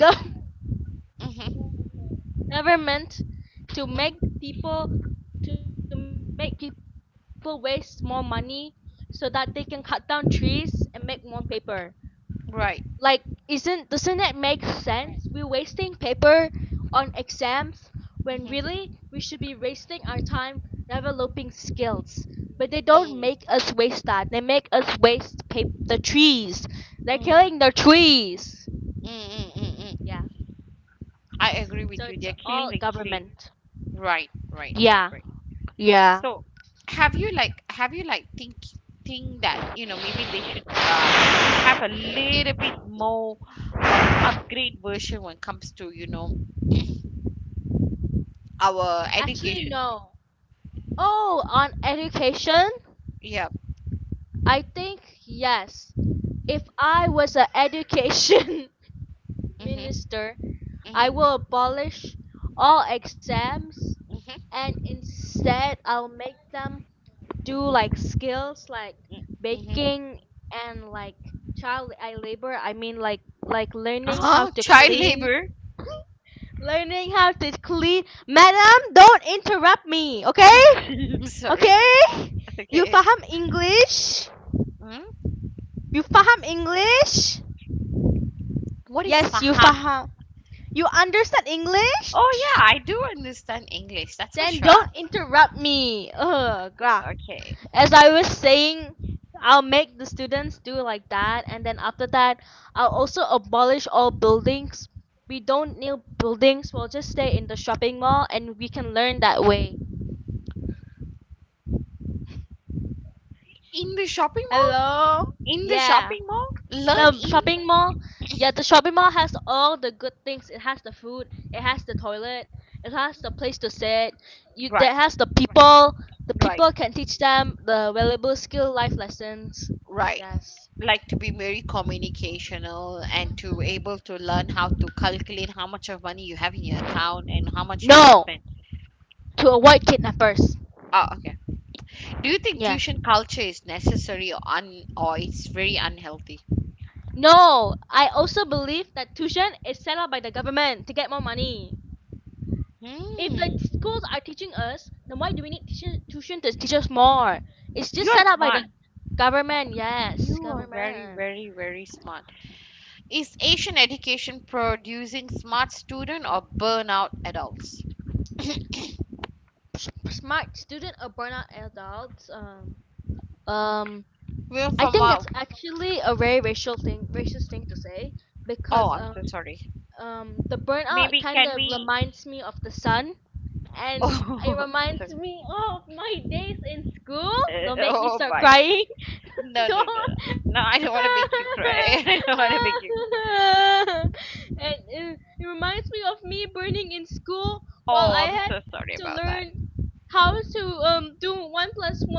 S1: hmm,
S2: government to make people,
S1: hmm.
S2: waste more money so that they can cut down trees and make more paper. Like, isn't doesn't that make
S1: Right.
S2: sense? We're wasting paper on exams when really we should be wasting our
S1: Hmm.
S2: time developing skills. But they don't make us waste that. They
S1: Mm,
S2: make us waste the trees. They're killing the
S1: mm, mm,
S2: trees. Yeah.
S1: mm, mm, mm.
S2: So it's
S1: I agree
S2: all
S1: with you. They're
S2: government.
S1: killing the kids. Right,
S2: Yeah.
S1: right, right, right.
S2: Yeah.
S1: So, have you like think that you know maybe they should have a little bit more upgrade version when it comes to our
S2: Actually,
S1: education.
S2: no. Oh, on education?
S1: Yep.
S2: I think yes. If I was an education
S1: Mhm.
S2: minister, I will
S1: Mhm.
S2: abolish all exams,
S1: Mhm.
S2: and instead I'll make them do like skills, like
S1: Mm, mhm.
S2: baking and like child, I labor, I mean, like learning how
S1: Ah,
S2: to
S1: child
S2: clean,
S1: labor.
S2: madam, don't interrupt me, okay?
S1: Sorry, but
S2: Okay, you
S1: okay.
S2: faham English?
S1: Hmm?
S2: You faham English?
S1: What is
S2: Yes, you
S1: faham?
S2: faham. You understand
S1: Oh
S2: English.
S1: yeah, I do understand English. That's for
S2: Then don't
S1: sure.
S2: interrupt me, ugh, grah.
S1: Okay.
S2: As I was saying, I'll make the students do like that, and then after that, I'll also abolish all buildings. We don't need buildings. We'll just stay in the shopping mall, and we can learn that way.
S1: In the shopping mall?
S2: Hello.
S1: In the
S2: Yeah.
S1: shopping mall? Learn
S2: The
S1: in,
S2: shopping mall, yeah, the shopping mall has all the good things. It has the food, it has the toilet, it has the place to sit. You, that
S1: right,
S2: has the people. The
S1: right,
S2: people can teach them the valuable skill life lessons.
S1: right.
S2: Yes.
S1: Like to be very communicational and to able to learn how to calculate how much of money you have in your account and how much you can
S2: No,
S1: spend.
S2: to avoid kidnappers.
S1: Oh, okay. Do you think
S2: Yeah.
S1: tuition culture is necessary or un or it's very unhealthy?
S2: No, I also believe that tuition is set up by the government to get more money. If the
S1: Hmm.
S2: schools are teaching us, then why do we need tuition to teach us more? It's
S1: You are
S2: just set up by
S1: smart.
S2: the government.
S1: You
S2: Yes,
S1: are very,
S2: government.
S1: very, very smart. Is Asian education producing smart student or burnout adults?
S2: Smart student or burnout adults. Um,
S1: We're
S2: I think
S1: from
S2: that's
S1: our.
S2: actually a very racial thing, racist thing to say,
S1: Oh,
S2: because.
S1: I'm so sorry.
S2: The burnout
S1: Maybe
S2: kind
S1: can
S2: of
S1: we?
S2: reminds me of the sun, and it
S1: Oh,
S2: reminds
S1: sorry.
S2: me of my days in school. Don't make me
S1: Oh,
S2: start
S1: bye.
S2: crying. Don't.
S1: No, no, no, no. No, I don't want to make you cry. I don't want to make you.
S2: And it reminds me of me burning in school while
S1: Oh,
S2: I
S1: I'm
S2: had
S1: so
S2: to
S1: sorry
S2: learn
S1: about that.
S2: how to do one plus one.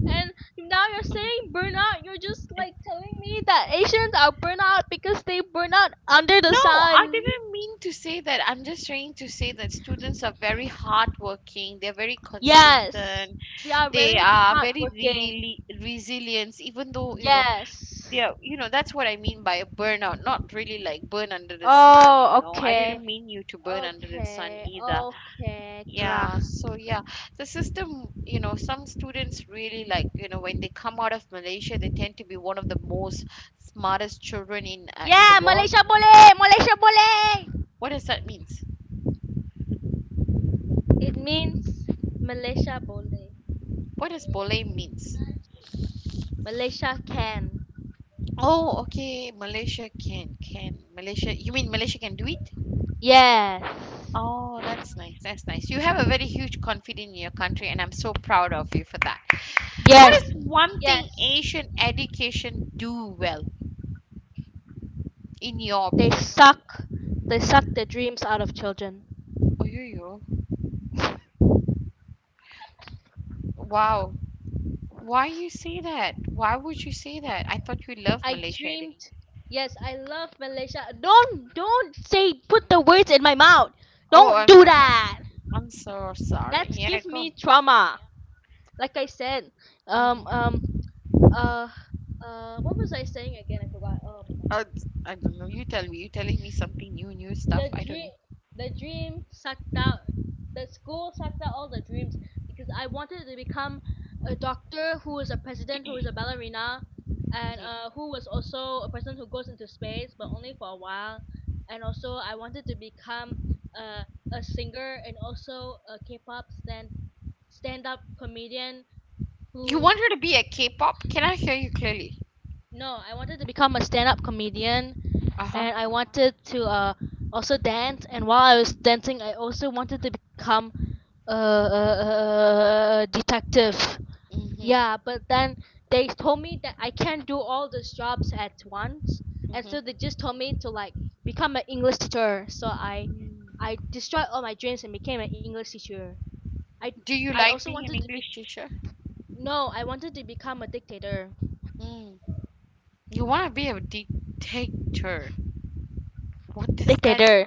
S2: And now you're saying burnout. You're just like telling me that Asians are burnout because they burn out under
S1: No,
S2: the
S1: I
S2: sun.
S1: didn't mean to say that. I'm just trying to say that students are very hardworking. They're very
S2: Yes,
S1: consistent.
S2: we are
S1: They
S2: very
S1: are very
S2: hardworking.
S1: really resilient, even though,
S2: Yes.
S1: they are, that's what I mean by a burnout, not really like burn under the sun.
S2: Oh,
S1: I didn't
S2: okay.
S1: mean you to burn under the sun
S2: Okay,
S1: either.
S2: okay, grah.
S1: Yeah, so yeah, the system, some students really like, when they come out of Malaysia, they tend to be one of the most smartest children in the
S2: Yeah,
S1: world.
S2: Malaysia boleh, Malaysia boleh.
S1: What does that mean?
S2: It means Malaysia boleh.
S1: What does boleh means?
S2: Malaysia can.
S1: Oh, okay. Malaysia can. Can Malaysia, you mean Malaysia can do it?
S2: Yes.
S1: Oh, that's nice. That's nice. You have a very huge confidence in your country, and I'm so proud of you for that. What is
S2: Yes.
S1: one thing
S2: Yes.
S1: Asian education do well in your
S2: They
S1: opinion?
S2: suck. They suck the dreams out of children.
S1: Oh yo, yo. Wow. Why you say that? Why would you say that? I thought you love
S2: I
S1: Malaysia edu-.
S2: dreamed. Yes, I love Malaysia. Don't say put the words in my mouth.
S1: Oh,
S2: Don't
S1: I'm
S2: do
S1: so sorry.
S2: that.
S1: I'm so
S2: That give
S1: sorry,
S2: me
S1: yeah, go.
S2: trauma. Like I said, um um
S1: Hmm.
S2: uh what was I saying again? I forgot. Oh my god.
S1: I don't know. You tell me. You're telling me something new, new stuff.
S2: the
S1: I don't
S2: dream
S1: know.
S2: the dream sucked out the school sucked out all the dreams, because I wanted to become a doctor who is a president who is a ballerina, and
S1: Mhm.
S2: who was also a person who goes into space, but only for a while. And also I wanted to become uh, a singer, and also a K-pop stand-up comedian
S1: You
S2: who,
S1: want her to be a K-pop? Can I hear you clearly?
S2: no, I wanted to become a stand-up comedian.
S1: Uh-huh.
S2: And I wanted to also dance, and while I was dancing I also wanted to become uh, uh, detective. Yeah,
S1: Mm-hmm.
S2: but then they told me that I can't do all those jobs at once, and so they just told me to like become an English teacher. So I
S1: Mm-hmm.
S2: destroyed all my dreams and became an English teacher. I,
S1: Do
S2: I
S1: you
S2: also
S1: like being
S2: wanted
S1: an
S2: to be,
S1: English teacher?
S2: no, I wanted to become a dictator.
S1: Mm. You want to be a dictator. What does that
S2: Dictator.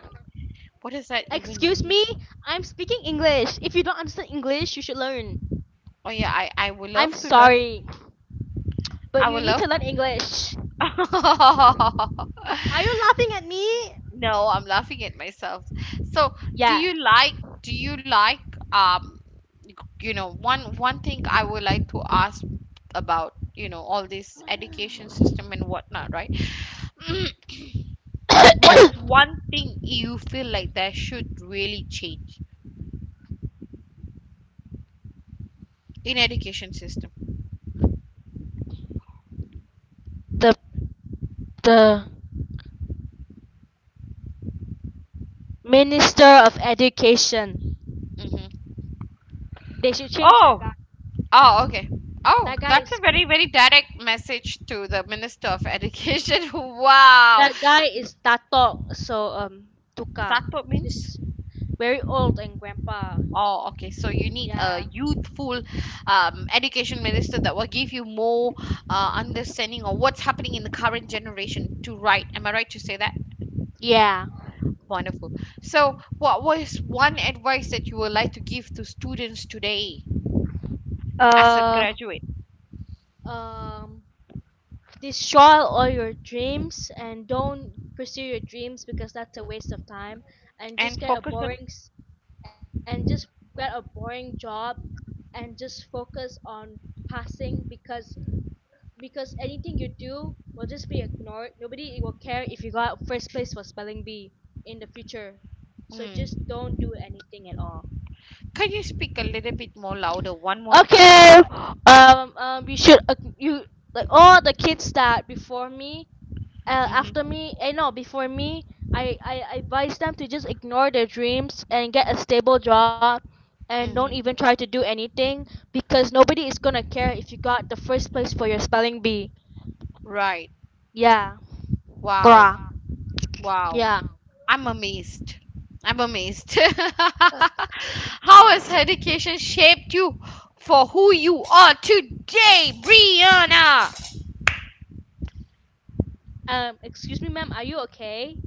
S1: what does that even
S2: Excuse
S1: mean?
S2: me, I'm speaking English. If you don't understand English, you should learn.
S1: Oh yeah, I would
S2: I'm
S1: love to learn.
S2: sorry, but
S1: I
S2: you
S1: would
S2: need
S1: love.
S2: to learn English. Are you laughing at me?
S1: No, I'm laughing at myself. So, do
S2: Yeah.
S1: you like do you like um one thing I would like to ask about all this education system and whatnot, right? Mm. What is one thing you feel like that should really change in education system?
S2: the the Minister of Education.
S1: Hmm.
S2: They should change that
S1: Oh,
S2: guy.
S1: oh, okay. Oh,
S2: That guy
S1: that's a
S2: is
S1: very
S2: big.
S1: very direct message to the Minister of Education. Wow,
S2: That guy is tatok. So, Tuka.
S1: that's what means.
S2: This very old and grandpa.
S1: Oh, okay. So you need a
S2: Yeah.
S1: youthful education minister that will give you more understanding of what's happening in the current generation to write. Am I right to say that?
S2: Yeah.
S1: Wonderful. So, what was one advice that you would like to give to students today as a
S2: Uh,
S1: graduate
S2: um, Destroy all your dreams and don't pursue your dreams, because that's a waste of time. And
S1: and
S2: just get a
S1: focus on?
S2: boring s- and just get a boring job and just focus on passing, because anything you do will just be ignored. Nobody will care if you got first place for spelling bee in the future, so
S1: Mm.
S2: just don't do anything at all.
S1: Can you speak a little bit more louder one more time?
S2: Okay. You should, you like all the kids that before me, after
S1: Mm-hmm.
S2: me, eh, no, before me. I advise them to just ignore their dreams and get a stable job and don't even try
S1: Mm-hmm.
S2: to do anything, because nobody is gonna care if you got the first place for your spelling bee.
S1: Right.
S2: Yeah. Gra.
S1: Wow. Wow.
S2: Yeah.
S1: I'm amazed. I'm amazed. How has education shaped you for who you are today, Brianna?
S2: Excuse me, ma'am, are you okay?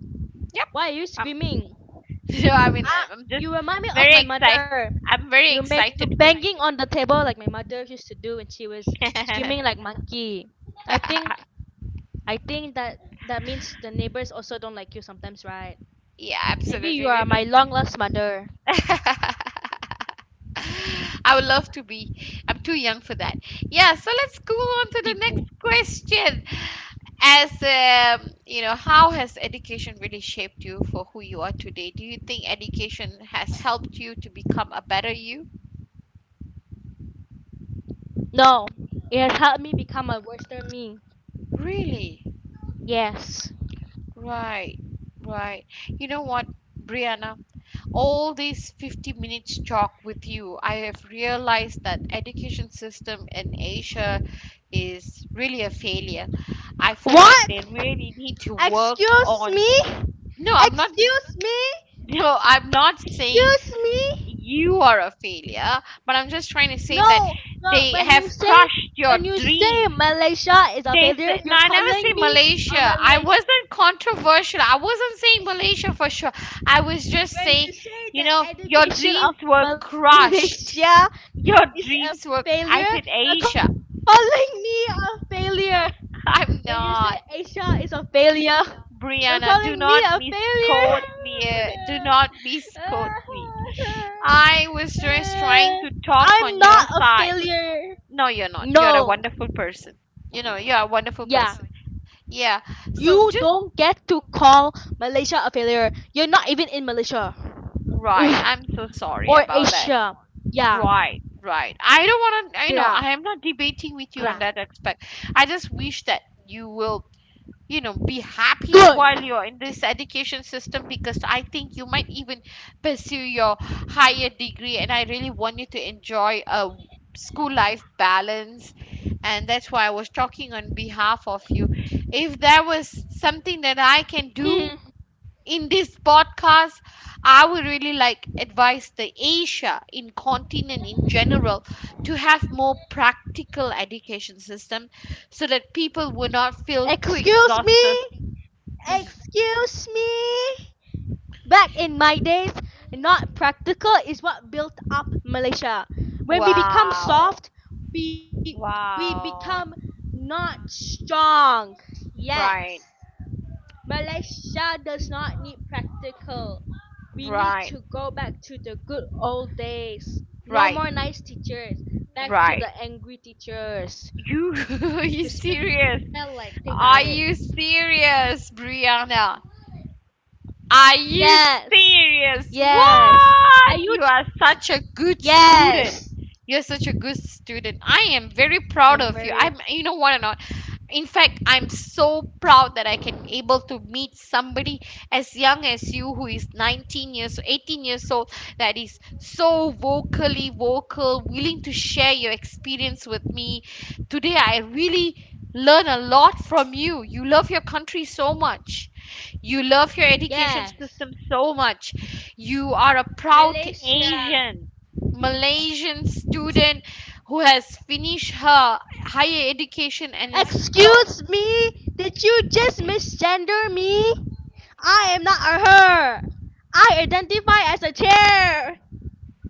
S1: Yep.
S2: Why are you
S1: Um,
S2: screaming?
S1: so I mean,
S2: Ah,
S1: I'm just
S2: you remind me of
S1: very
S2: my
S1: excited.
S2: mother.
S1: I'm
S2: You
S1: very
S2: make, you
S1: excited for you.
S2: banging on the table like my mother used to do when she was screaming like monkey. I think I think that that means the neighbors also don't like you sometimes, right?
S1: yeah,
S2: Maybe you are
S1: absolutely.
S2: my long lost mother.
S1: I would love to be. I'm too young for that. Yeah, so let's go on to the
S2: Tipu.
S1: next question. As how has education really shaped you for who you are today? Do you think education has helped you to become a better you?
S2: No, it has helped me become a worse than me.
S1: Really?
S2: Yes.
S1: Right, right. You know what, Brianna? All these 50 minutes talk with you, I have realized that education system in Asia is really a failure. I feel like they
S2: What?
S1: really need to work
S2: Excuse
S1: on.
S2: me?
S1: No, I'm not.
S2: Excuse me?
S1: No, I'm not saying
S2: Excuse me?
S1: you are a failure, but I'm just trying to say that
S2: No, no.
S1: they
S2: When you
S1: have
S2: say
S1: crushed your
S2: when you say
S1: dreams.
S2: Malaysia is a
S1: They
S2: failure,
S1: said, no,
S2: you're
S1: I never say
S2: calling me
S1: Malaysia.
S2: a
S1: I
S2: Malaysia.
S1: wasn't controversial. I wasn't saying Malaysia for sure. I was just saying,
S2: When you say the
S1: your
S2: education
S1: dreams
S2: of
S1: were
S2: Malaysia
S1: crushed.
S2: is
S1: Your
S2: a failure,
S1: dreams were,
S2: you're
S1: I said
S2: calling
S1: Asia.
S2: me a failure. When you say
S1: I'm
S2: Asia is a
S1: not.
S2: failure, you're calling me a
S1: Brianna, do not
S2: failure.
S1: misquote me. Do not misquote me. I was just trying to
S2: I'm
S1: talk
S2: not
S1: on
S2: a
S1: your side.
S2: failure.
S1: No, you're not. You're a
S2: No.
S1: wonderful person. You're a wonderful
S2: Yeah.
S1: person. Yeah. So
S2: You
S1: just,
S2: don't get to call Malaysia a failure. You're not even in Malaysia.
S1: right. I'm so sorry
S2: Ugh.
S1: about that.
S2: Or
S1: Right,
S2: Asia.
S1: right. I don't
S2: Yeah.
S1: want to, I know, I am
S2: Gra.
S1: not debating with you
S2: Gra.
S1: on that aspect. I just wish that you will, be happy
S2: Good.
S1: while you're in this education system because I think you might even pursue your higher degree. And I really want you to enjoy a school life balance. And that's why I was talking on behalf of you. If there was something that I can do
S2: Hmm.
S1: in this podcast, I would really like advise the Asia in continent in general to have more practical education system so that people would not feel too
S2: Excuse me.
S1: exhausted.
S2: Excuse me. Back in my days, not practical is what built up Malaysia. When we become
S1: wow.
S2: soft, we we become
S1: Wow.
S2: not strong. Yes.
S1: Right.
S2: Malaysia does not need practical. We need to
S1: Right.
S2: go back to the good old days. No more
S1: Right.
S2: nice teachers. Back to the
S1: Right.
S2: angry teachers who
S1: You
S2: smell
S1: are
S2: like teh
S1: you
S2: tarik.
S1: serious? Are you serious, Brianna?
S2: Yes.
S1: Are you
S2: Yes.
S1: serious?
S2: Are you?
S1: What? You are such a
S2: Yes.
S1: good student. You're such a good student.
S2: I'm
S1: I am
S2: very.
S1: very proud of you. I'm, you know what or not? In fact, I'm so proud that I can able to meet somebody as young as you who is 19 years 18 years old, that is so vocally vocal, willing to share your experience with me today. I really learn a lot from you. You love your country so much. You love your education
S2: Yes.
S1: system so much. You are a proud
S2: Malaysia.
S1: Asian Malaysian student who has finished her higher education and is so.
S2: Excuse me. Did you just misgender me? I am not a her. I identify as a chair.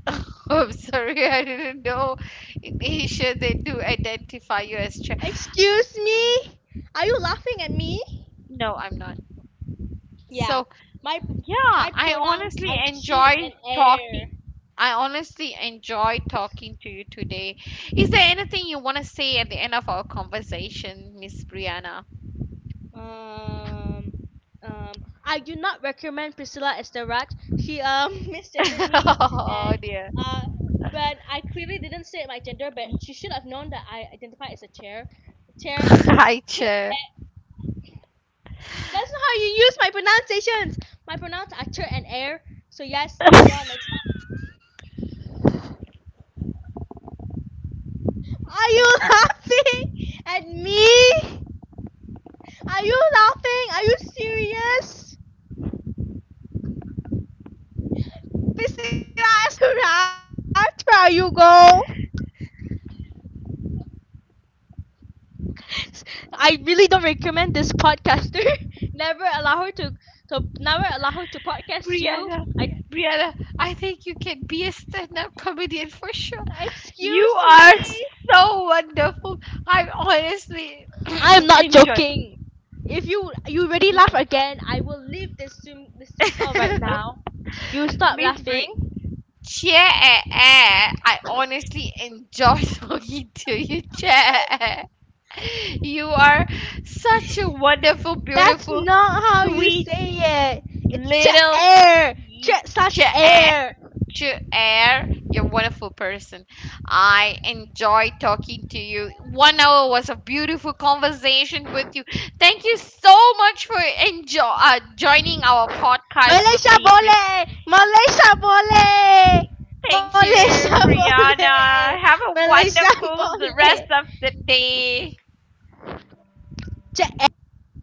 S1: I'm sorry, I didn't know in Asia they do identify you as Chinese.
S2: Excuse me? Are you laughing at me?
S1: No, I'm not. So,
S2: Yeah. My
S1: yeah,
S2: my
S1: I
S2: pronouns
S1: honestly
S2: are she
S1: enjoy
S2: and
S1: talking.
S2: air.
S1: I honestly enjoy talking to you today. Is there anything you want to say at the end of our conversation, Miss Brianna?
S2: Um um I do not recommend Priscilla Estaraj. She misgendered me, and
S1: oh dear.
S2: uh but I clearly didn't say my gender, but she should have known that I identify as a chair. Chair,
S1: Hi,
S2: chair.
S1: chair.
S2: That's not how you use my pronunciations. My pronouns are chair and air. So yes, Priscilla, next. Are you laughing at me? Are you laughing? Are you serious? Priscilla Estura, try you go. I really don't recommend this podcaster. Never allow her to never allow her to podcast
S1: Brianna,
S2: you.
S1: Brianna, I think you can be a stand-up comedian for sure.
S2: I
S1: You
S2: Excuse
S1: are
S2: me.
S1: so wonderful. I honestly
S2: I am not
S1: enjoy.
S2: joking. If you really laugh again, I will leave this Zoom call right now. You stop
S1: Miss
S2: laughing.
S1: Bri. Chair. Eh, eh. I honestly enjoy talking to you, Chair. You are such a wonderful,
S2: That's
S1: beautiful,
S2: not how you
S1: sweet,
S2: say it. It's jet
S1: little
S2: air,
S1: y-
S2: jet slash
S1: chair.
S2: air.
S1: Chair, you're a wonderful person. I enjoy talking to you. 1 hour was a beautiful conversation with you. Thank you so much for enjoy joining our podcast with
S2: Malaysia
S1: me, Pris.
S2: boleh, Malaysia boleh,
S1: Thank you,
S2: Malaysia boleh,
S1: Brianna. Have a
S2: Malaysia
S1: wonderful the
S2: boleh.
S1: rest of the day.
S2: Jet air.